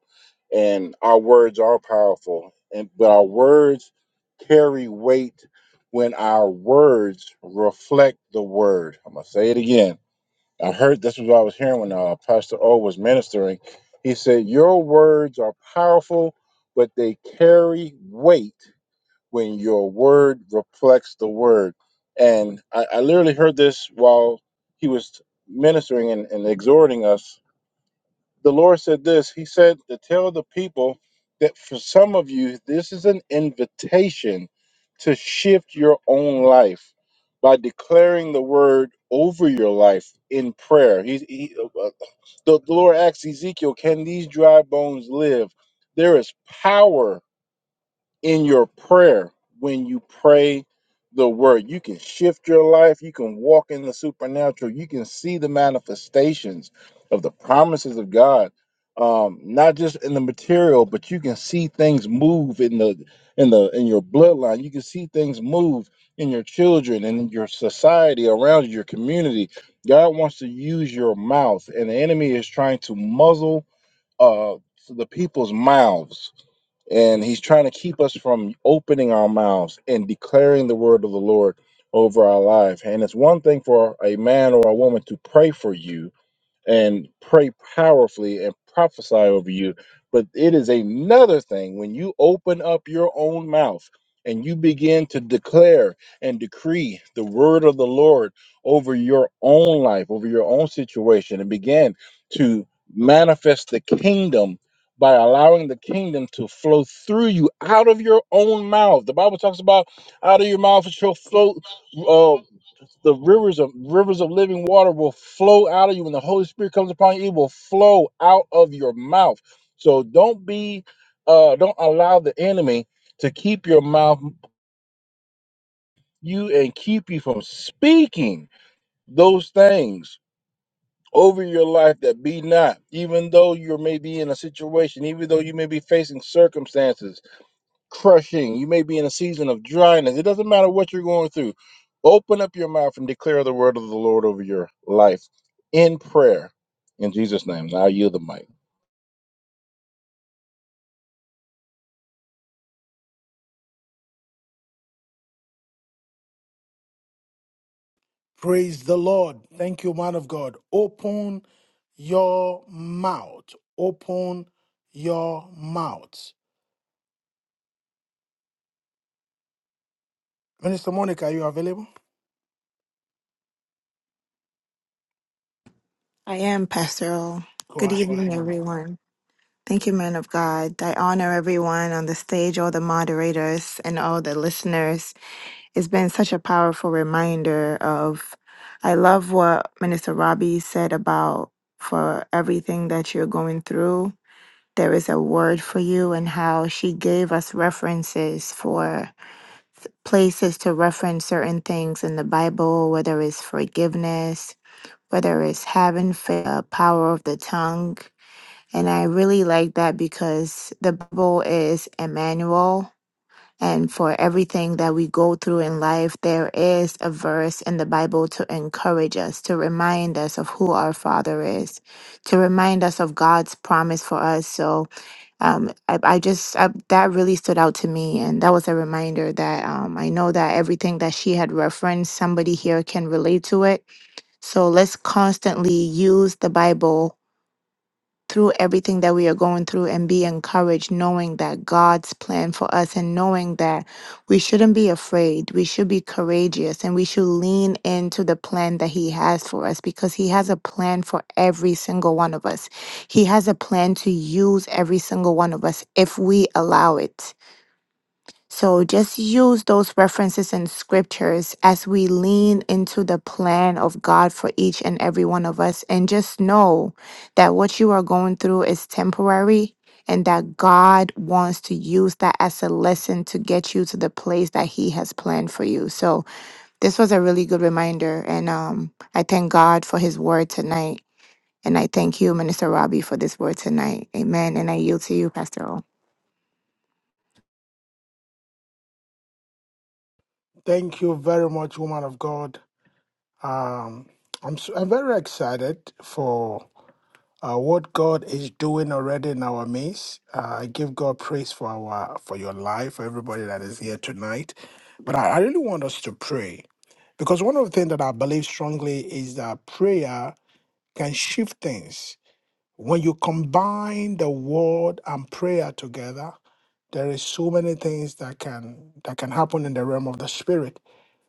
[SPEAKER 3] and our words are powerful, and but our words carry weight when our words reflect the word. I'm gonna say it again I heard this was what I was hearing when uh, Pastor O was ministering. He said, Your words are powerful, but they carry weight when your word reflects the word. And I, I literally heard this while he was ministering and, and exhorting us the Lord said this. He said to tell the people that for some of you, this is an invitation to shift your own life by declaring the word over your life in prayer. He, he, uh, uh, the, the Lord asks Ezekiel, Can these dry bones live? There is power in your prayer when you pray the word. You can shift your life. You can walk in the supernatural. You can see the manifestations of the promises of God, um, not just in the material, but you can see things move in the in the in your bloodline. You can see things move in your children and in your society around you, your community. God wants to use your mouth, and the enemy is trying to muzzle uh, the people's mouths and he's trying to keep us from opening our mouths and declaring the word of the Lord over our life. And it's one thing for a man or a woman to pray for you, and pray powerfully and prophesy over you. But it is another thing when you open up your own mouth and you begin to declare and decree the word of the Lord over your own life, over your own situation, and begin to manifest the kingdom by allowing the kingdom to flow through you out of your own mouth. The Bible talks about out of your mouth shall flow uh, the rivers of rivers of living water will flow out of you when the holy spirit comes upon you it will flow out of your mouth so don't be uh don't allow the enemy to keep your mouth you and keep you from speaking those things over your life that be not even though you may be in a situation even though you may be facing circumstances crushing. You may be in a season of dryness. It doesn't matter what you're going through. Open up your mouth and declare the word of the Lord over your life in prayer. In Jesus' name. Now I yield the mic.
[SPEAKER 1] Praise the Lord. Thank you, man of God. Open your mouth. Open your mouth. Minister Monica, are you available?
[SPEAKER 4] I am, Pastor O.
[SPEAKER 1] Go
[SPEAKER 4] Good
[SPEAKER 1] ahead,
[SPEAKER 4] evening,
[SPEAKER 1] woman of God.
[SPEAKER 4] everyone. Thank you, man of God. I honor everyone on the stage, all the moderators, and all the listeners. It's been such a powerful reminder of. I love what Minister Robbie said about for everything that you're going through, there is a word for you, and how she gave us references for places to reference certain things in the Bible, whether it's forgiveness, whether it's having faith, uh, power of the tongue. And I really like that because the Bible is Emmanuel. And for everything that we go through in life, there is a verse in the Bible to encourage us, to remind us of who our Father is, to remind us of God's promise for us. So um, I, I just, I, that really stood out to me. And that was a reminder that um, I know that everything that she had referenced, somebody here can relate to it so let's constantly use the Bible through everything that we are going through and be encouraged, knowing that God's plan for us and knowing that we shouldn't be afraid. We should be courageous and we should lean into the plan that He has for us because He has a plan for every single one of us. He has a plan to use every single one of us if we allow it. So just use those references and scriptures as we lean into the plan of God for each and every one of us. And just know that what you are going through is temporary and that God wants to use that as a lesson to get you to the place that he has planned for you. So this was a really good reminder. And um, I thank God for his word tonight. And I thank you, Minister Robbie, for this word tonight. Amen. And I yield to you, Pastor O.
[SPEAKER 1] Thank you very much, woman of God. Um, I'm s- I'm very excited for uh, what God is doing already in our midst. Uh, I give God praise for our for your life, for everybody that is here tonight. But I, I really want us to pray because one of the things that I believe strongly is that prayer can shift things. When you combine the word and prayer together, there is so many things that can that can happen in the realm of the spirit.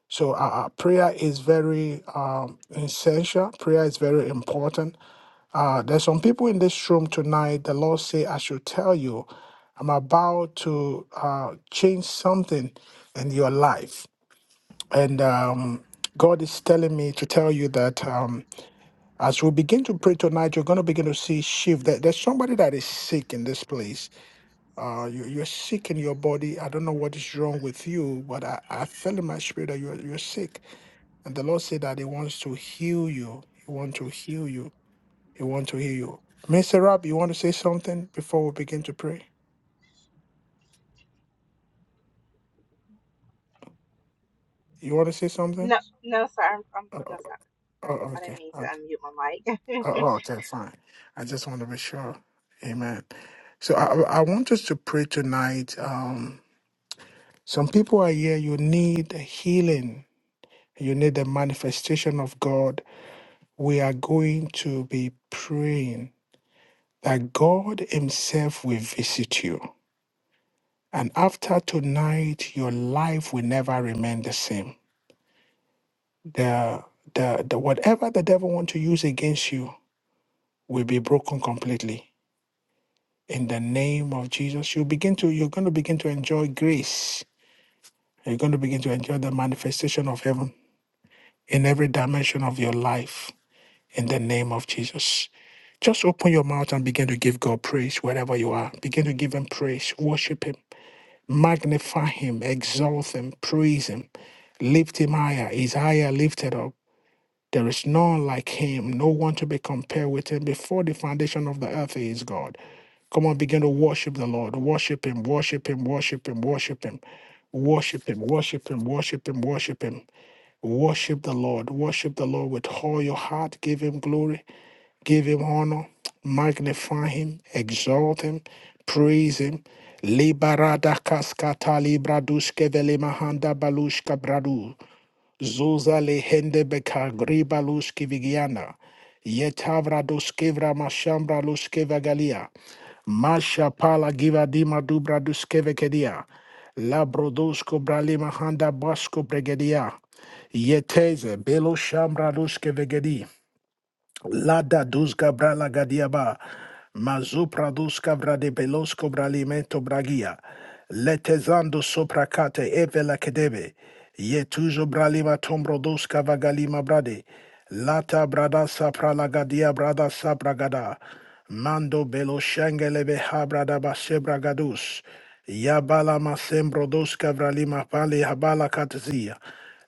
[SPEAKER 1] So uh, uh, prayer is very um, essential. Prayer is very important uh, there's some people in this room tonight. The Lord say, I should tell you, I'm about to uh, change something in your life. And um, God is telling me to tell you that um, as we begin to pray tonight, you're going to begin to see shift. There- There's somebody that is sick in this place. Uh, you, you're sick in your body. I don't know what is wrong with you, but I, I feel in my spirit that you're, you're sick. And the Lord said that He wants to heal you. He wants to heal you. We want to hear you. Mr. Rob, you want to say something before we begin to pray? You want to say something?
[SPEAKER 2] no no sir i'm, I'm
[SPEAKER 1] Oh,
[SPEAKER 2] no
[SPEAKER 1] oh,
[SPEAKER 2] sir
[SPEAKER 1] oh,
[SPEAKER 2] I, I
[SPEAKER 1] okay.
[SPEAKER 2] didn't mean to
[SPEAKER 1] Okay.
[SPEAKER 2] unmute my mic [laughs]
[SPEAKER 1] Oh, oh, okay, fine. I just want to be sure. Amen. So I, I I want us to pray tonight. Um, some people are here, you need healing. You need the manifestation of God. We are going to be praying that God Himself will visit you. And after tonight, your life will never remain the same the the, the whatever the devil want to use against you will be broken completely in the name of jesus you begin to you're going to begin to enjoy grace you're going to begin to enjoy the manifestation of heaven in every dimension of your life in the name of jesus just open your mouth and begin to give god praise wherever you are begin to give him praise worship him magnify him exalt him praise him lift him higher He's higher lifted up There is none like him, no one to be compared with him before the foundation of the earth he is God. Come on, begin to worship the Lord. Worship him, worship him, worship him, worship him. Worship him, worship him, worship him, worship him. Worship the Lord, worship the Lord with all your heart. Give him glory, give him honor, magnify him, exalt him, praise him. Liberada kaskata libra duske vele mahanda balushka bradu. Zuza le hende beka griba luski vigiana. Yetavra duskevra mashambra luskeva galia. Masha pala giva dima dubra duskeve kedia. La brodosko bralima handa basko bregedia. Yeteze belo shambra luskeve vegedi. Lada duzga brala gadiaba. Mazu duska brade belosko bralimento bragia. Letezando sopracate evela kedebe. Yetuzo bralima tombrodoska vagalima brade. Lata brada saprala gadia brada sabragada. Mando belo shengelebe habrada basebragadus. Yabala masembro duska vralima pali habala katzia.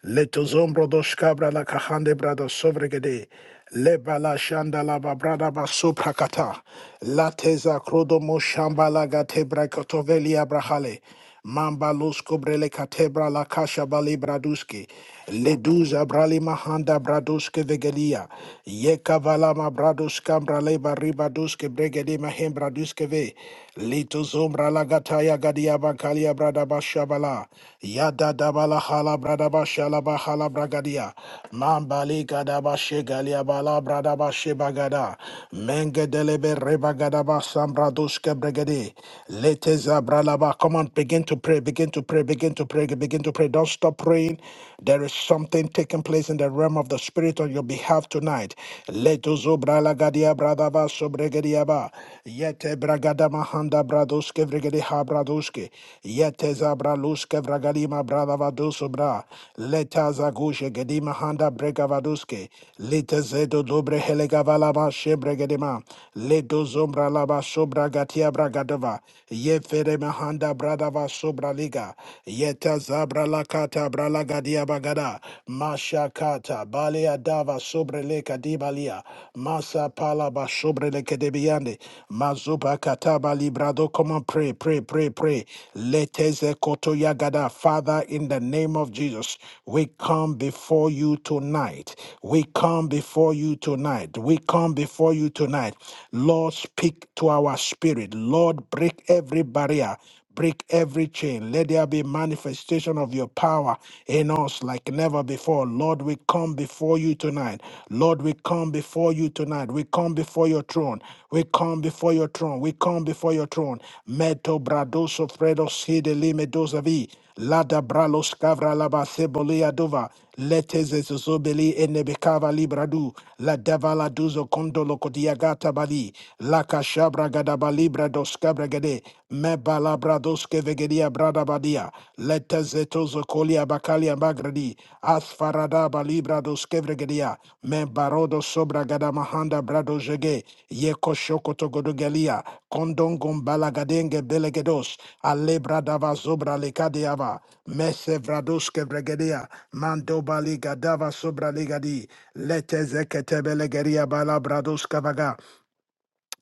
[SPEAKER 1] Letozom brodos cabra la cajande brado sobregede. Leba la shanda la babrada baso prakata. La teza crodomo shamba la gate cotovelia brahale. Mamba lus cobrele catebra la casha bali braduski. Leduza brali mahanda bradoske vegelia. Yeka valama bradoska braleba ribadoske bregedi mahem bradoske ve. Lito zombra lagataya gadia bakalia bradabasha bala. Yada dabala hala bradabasha laba hala bragadia. Mambali gadabashe galia bala bradabashe bagada. Menge delebe rebagadaba sambradoske bregedi. Lete zabralaba. Come on, begin to pray, begin to pray, begin to pray, begin to pray. Don't stop praying. There is something taking place in the realm of the spirit on your behalf tonight. Leto zobra lagadia bradaba sobregediaba. Yete bragada mahanda bradoske vregedi ha bradoske. Yete zabra luske vragadima bradava dosobra. Leta zagushe gedima handa bregavaduske. Lete zedo dobre helegavalama shebregedima. Leto zombra laba sobra gatia bragadova. Yefere mahanda bradava sobra liga. Yeta zabra lakata bralagadia bagada. Mashakata balea dava sobre le kadibalia. Masa palaba sobre le kedebiande. Mazuba kataba librado. Come on, pray, pray, pray, pray. Leteze koto yagada. Father, in the name of Jesus, we come before you tonight. We come before you tonight. We come before you tonight. Lord, speak to our spirit. Lord, break every barrier Break every chain. Let there be manifestation of your power in us like never before. Lord, we come before you tonight. Lord, we come before you tonight. We come before your throne. We come before your throne. We come before your throne. Meto bradoso fredos hidelimedosavi. Lada bralos kavra laba sebolia dova. Letes zobeli enebekava libradu. La davala duzo kondolo kodiagata bali. La kashabra gadaba libra dos kabra gade. Me balabra dos kevegedia brada badia. Letes etozo kolia bakalia magradi. Asfarada balibra brados kevregedia, men barodo sobra gada mahanda brado jege, ye koshoko togodogelia, kondongom balagadenge belegedos, alebra bradava zobra lekadiava, mese vrados kevregedia, mandoba ligadava sobra ligadi, lete zekete belegeria bala brados kavaga,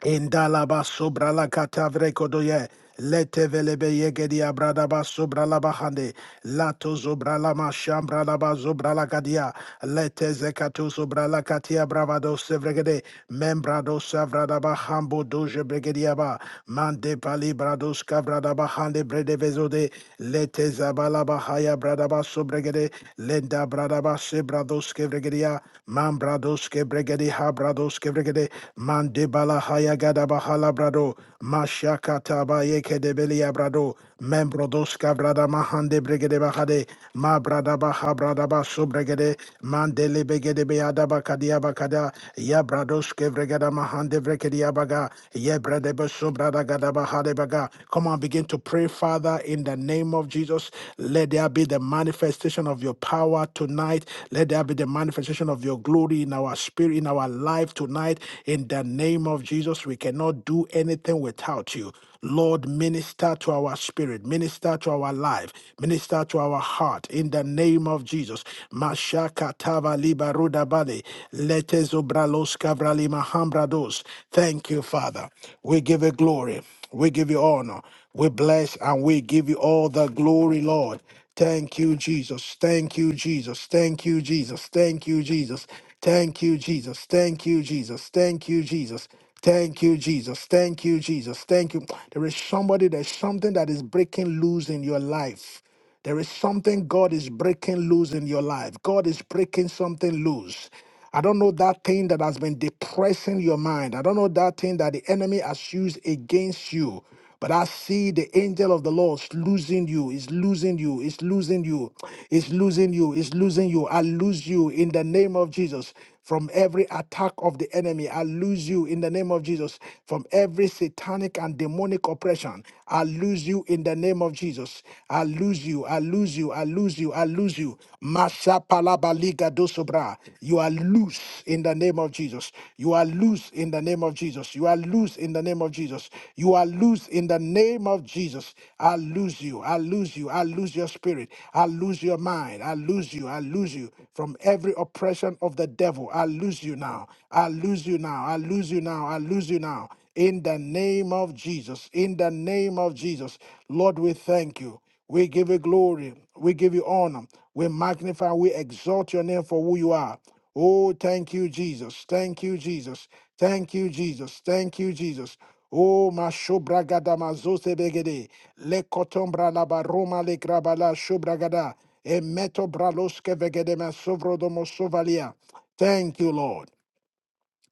[SPEAKER 1] Indalaba sobra la katavre kodoye. Lete velebe yegedi abradaba sobra la bahande. Lato zobra la mashambra la ba zobra la kadia. Lete zekato sobra la katia bravado sevregede. Membrado savradaba hambo doje bregediaba. Mande pali brados kavradaba hande brede vezode. Lete zabalaba haya bradaba sobregede. Lenda bradaba sebrados kevregedia. Mambrados kebregedi habrados kevregede. Mande Lebala Hayagada Bahala Brado, Mashakata Bayeke de Belia Brado, Membrodoska Brada Mahande Brigade Bahade, Ma Brada Baha Brada Basu Brigade, Mandele Begede Beada Bakadia Bakada, Ya Bradoske Brigada Mahande Brigadia Baga, Ye Brade Basu Brada Gada Bahade Baga. Come on, begin to pray, Father, in the name of Jesus. Let there be the manifestation of your power tonight. Let there be the manifestation of your glory in our spirit, in our life tonight, in the name of Jesus, we cannot do anything without you. Lord, minister to our spirit, minister to our life, minister to our heart in the name of Jesus. Mashakatava libarudabale, letezobralos kavralima Mahambrados. Thank you, Father. We give you glory. We give you honor. We bless and we give you all the glory, Lord. Thank you, Jesus. Thank you, Jesus. Thank you, Jesus. Thank you, Jesus. Thank you, Jesus. Thank you, Jesus. Thank you, Jesus. Thank you, Jesus. Thank you, Jesus. Thank you. There is somebody, there's something that is breaking loose in your life. There is something God is breaking loose in your life. God is breaking something loose. I don't know that thing that has been depressing your mind. I don't know that thing that the enemy has used against you. But I see the angel of the Lord is losing you, is losing you, is losing you, is losing you, is losing you. I lose you in the name of Jesus from every attack of the enemy. I lose you in the name of Jesus from every satanic and demonic oppression. I lose you in the name of Jesus. I lose you, I lose you, I lose you, I lose you. Masha palabaliga dosobra. You are loose in the name of Jesus. You are loose in the name of Jesus. You are loose in the name of Jesus. You are loose in the name of Jesus. I lose you. I lose you. I lose your spirit. I lose your mind. I lose you. I lose you from every oppression of the devil. I lose you now. I lose you now. I lose you now. I lose you now. In the name of Jesus. In the name of Jesus. Lord, we thank you. We give you glory. We give you honor. We magnify, we exalt your name for who you are. Oh, thank you, Jesus. Thank you, Jesus. Thank you, Jesus. Thank you, Jesus. Oh, ma shobragada ma begede. Le kotombra la baroma le grabala shobragada. E meto braloske vegede ma sovrodomo sovalia. Thank you, Lord.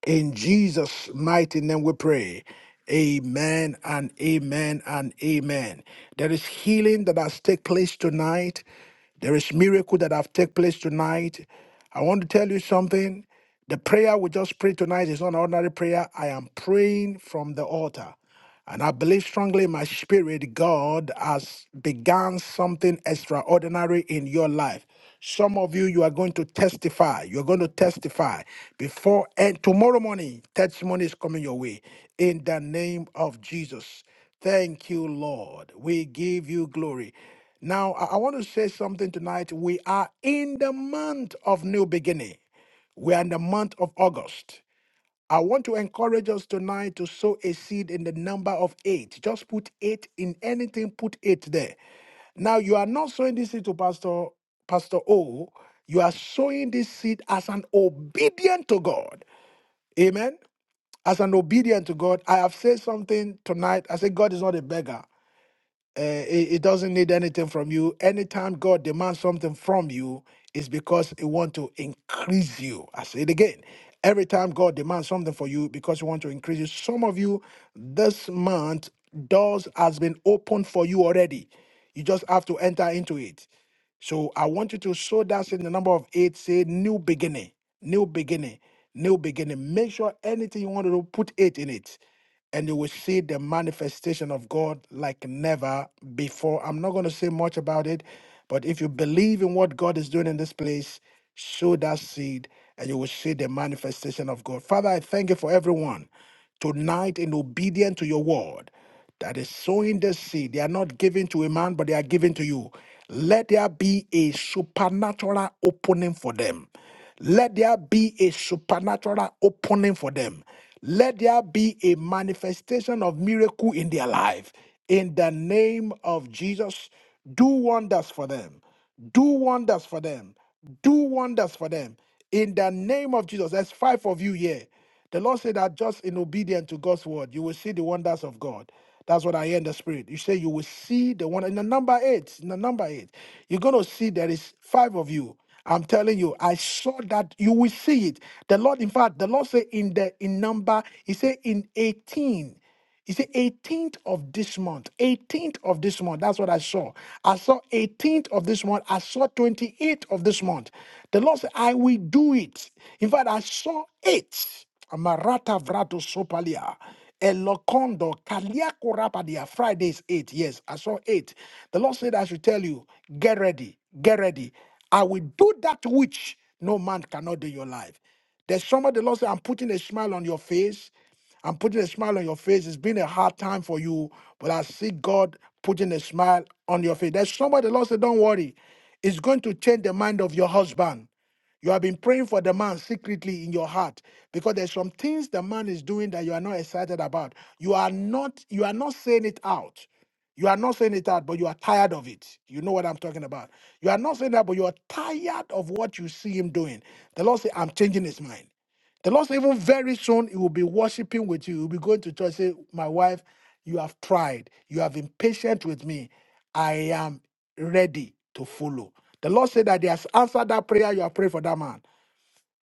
[SPEAKER 1] In Jesus' mighty name we pray. Amen and amen and amen. There is healing that has taken place tonight. There is miracle that have taken place tonight. I want to tell you something. The prayer we just prayed tonight is not an ordinary prayer. I am praying from the altar. And I believe strongly in my spirit, God has begun something extraordinary in your life. Some of you, you are going to testify. You're going to testify before and tomorrow morning. Testimony is coming your way in the name of Jesus. Thank you, Lord. We give you glory. Now, I I want to say something tonight. We are in the month of new beginning. We are in the month of August. I want to encourage us tonight to sow a seed in the number of eight. Just put eight in anything, put eight there. Now, you are not sowing this seed to Pastor, Pastor O. You are sowing this seed as an obedient to God. Amen. As an obedient to God. I have said something tonight. I said, God is not a beggar. Uh, it, it doesn't need anything from you. Anytime God demands something from you, it's because He want to increase you. I say it again. Every time God demands something for you, because He want to increase you. Some of you, this month, doors has been opened for you already. You just have to enter into it. So I want you to sow that seed in the number of eight, say new beginning, new beginning, new beginning. Make sure anything you want to do, put eight in it. And you will see the manifestation of God like never before. I'm not going to say much about it, but if you believe in what God is doing in this place, sow that seed and you will see the manifestation of God. Father, I thank you for everyone tonight in obedience to your word that is sowing the seed. They are not given to a man, but they are given to you. Let there be a supernatural opening for them. Let there be a supernatural opening for them. Let there be a manifestation of miracle in their life. In the name of Jesus, do wonders for them. Do wonders for them. Do wonders for them. In the name of Jesus, there's five of you here. The Lord said that just in obedience to God's word, you will see the wonders of God. That's what I hear in the spirit. You say you will see the one in the number eight. In the number eight, you're gonna see there is five of you. I'm telling you, I saw that you will see it. The Lord, in fact, the Lord said in the in number, He said in 18. You see, 18th of this month, 18th of this month, that's what I saw. I saw 18th of this month, I saw 28th of this month. The Lord said, I will do it. In fact, I saw it. Amarata vrato sopalia. elokondo kaliakurapadia. Friday is 8. Yes, I saw 8. The Lord said, I should tell you, get ready, get ready. I will do that which no man cannot do in your life. There's somebody the Lord said, I'm putting a smile on your face. I'm putting a smile on your face. It's been a hard time for you, but I see God putting a smile on your face. There's somebody, the Lord said, Don't worry. It's going to change the mind of your husband. You have been praying for the man secretly in your heart because there's some things the man is doing that you are not excited about. You are not you are not saying it out. You are not saying it out, but you are tired of it. You know what I'm talking about. You are not saying that, but you are tired of what you see him doing. The Lord said, I'm changing his mind. The Lord said, even very soon, He will be worshiping with you. He will be going to church, say, My wife, you have tried. You have been patient with me. I am ready to follow. The Lord said that He has answered that prayer you have prayed for that man.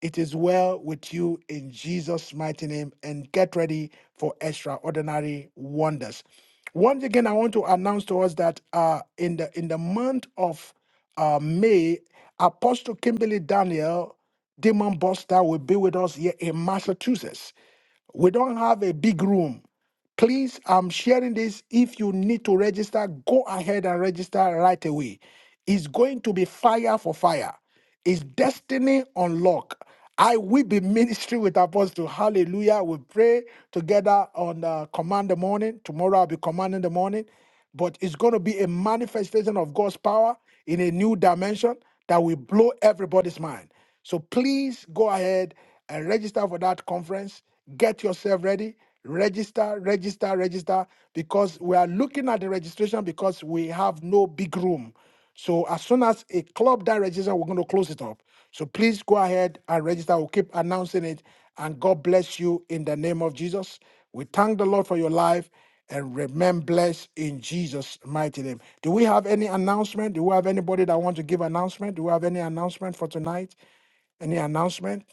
[SPEAKER 1] It is well with you in Jesus' mighty name and get ready for extraordinary wonders. Once again, I want to announce to us that uh, in the in the month of uh, May, Apostle Kimberly Daniel, Demon Buster, will be with us here in Massachusetts. We don't have a big room. Please, I'm sharing this. If you need to register, go ahead and register right away. It's going to be fire for fire. Is destiny unlocked? I will be ministry with apostle. Hallelujah. We pray together on uh, command the morning. Tomorrow I'll be commanding the morning. But it's going to be a manifestation of God's power in a new dimension that will blow everybody's mind. So please go ahead and register for that conference. Get yourself ready. Register, register, register because we are looking at the registration because we have no big room. So as soon as a club that registers, we're going to close it up. So please go ahead and register. We'll keep announcing it. And God bless you in the name of Jesus. We thank the Lord for your life and remain blessed in Jesus' mighty name. Do we have any announcement? Do we have anybody that want to give announcement? Do we have any announcement for tonight? Any announcement?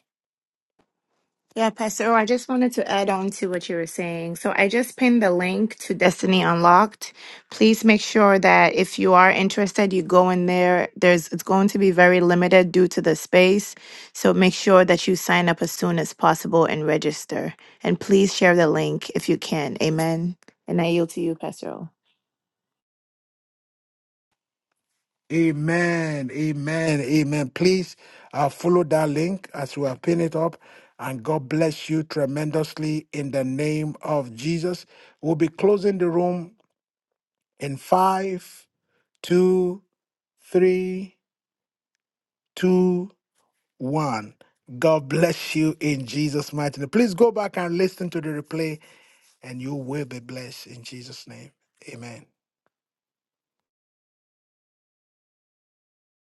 [SPEAKER 4] Yeah, Pastor, O, I just wanted to add on to what you were saying. So I just pinned the link to Destiny Unlocked. Please make sure that if you are interested, you go in there. There's it's going to be very limited due to the space. So make sure that you sign up as soon as possible and register. And please share the link if you can. Amen. And I yield to you, Pastor. O.
[SPEAKER 1] Amen. Amen. Amen. Please uh, follow that link as we are pin it up. And God bless you tremendously in the name of Jesus. We'll be closing the room in five, two, three, two, one. God bless you in Jesus' mighty name. Please go back and listen to the replay, and you will be blessed in Jesus' name. Amen.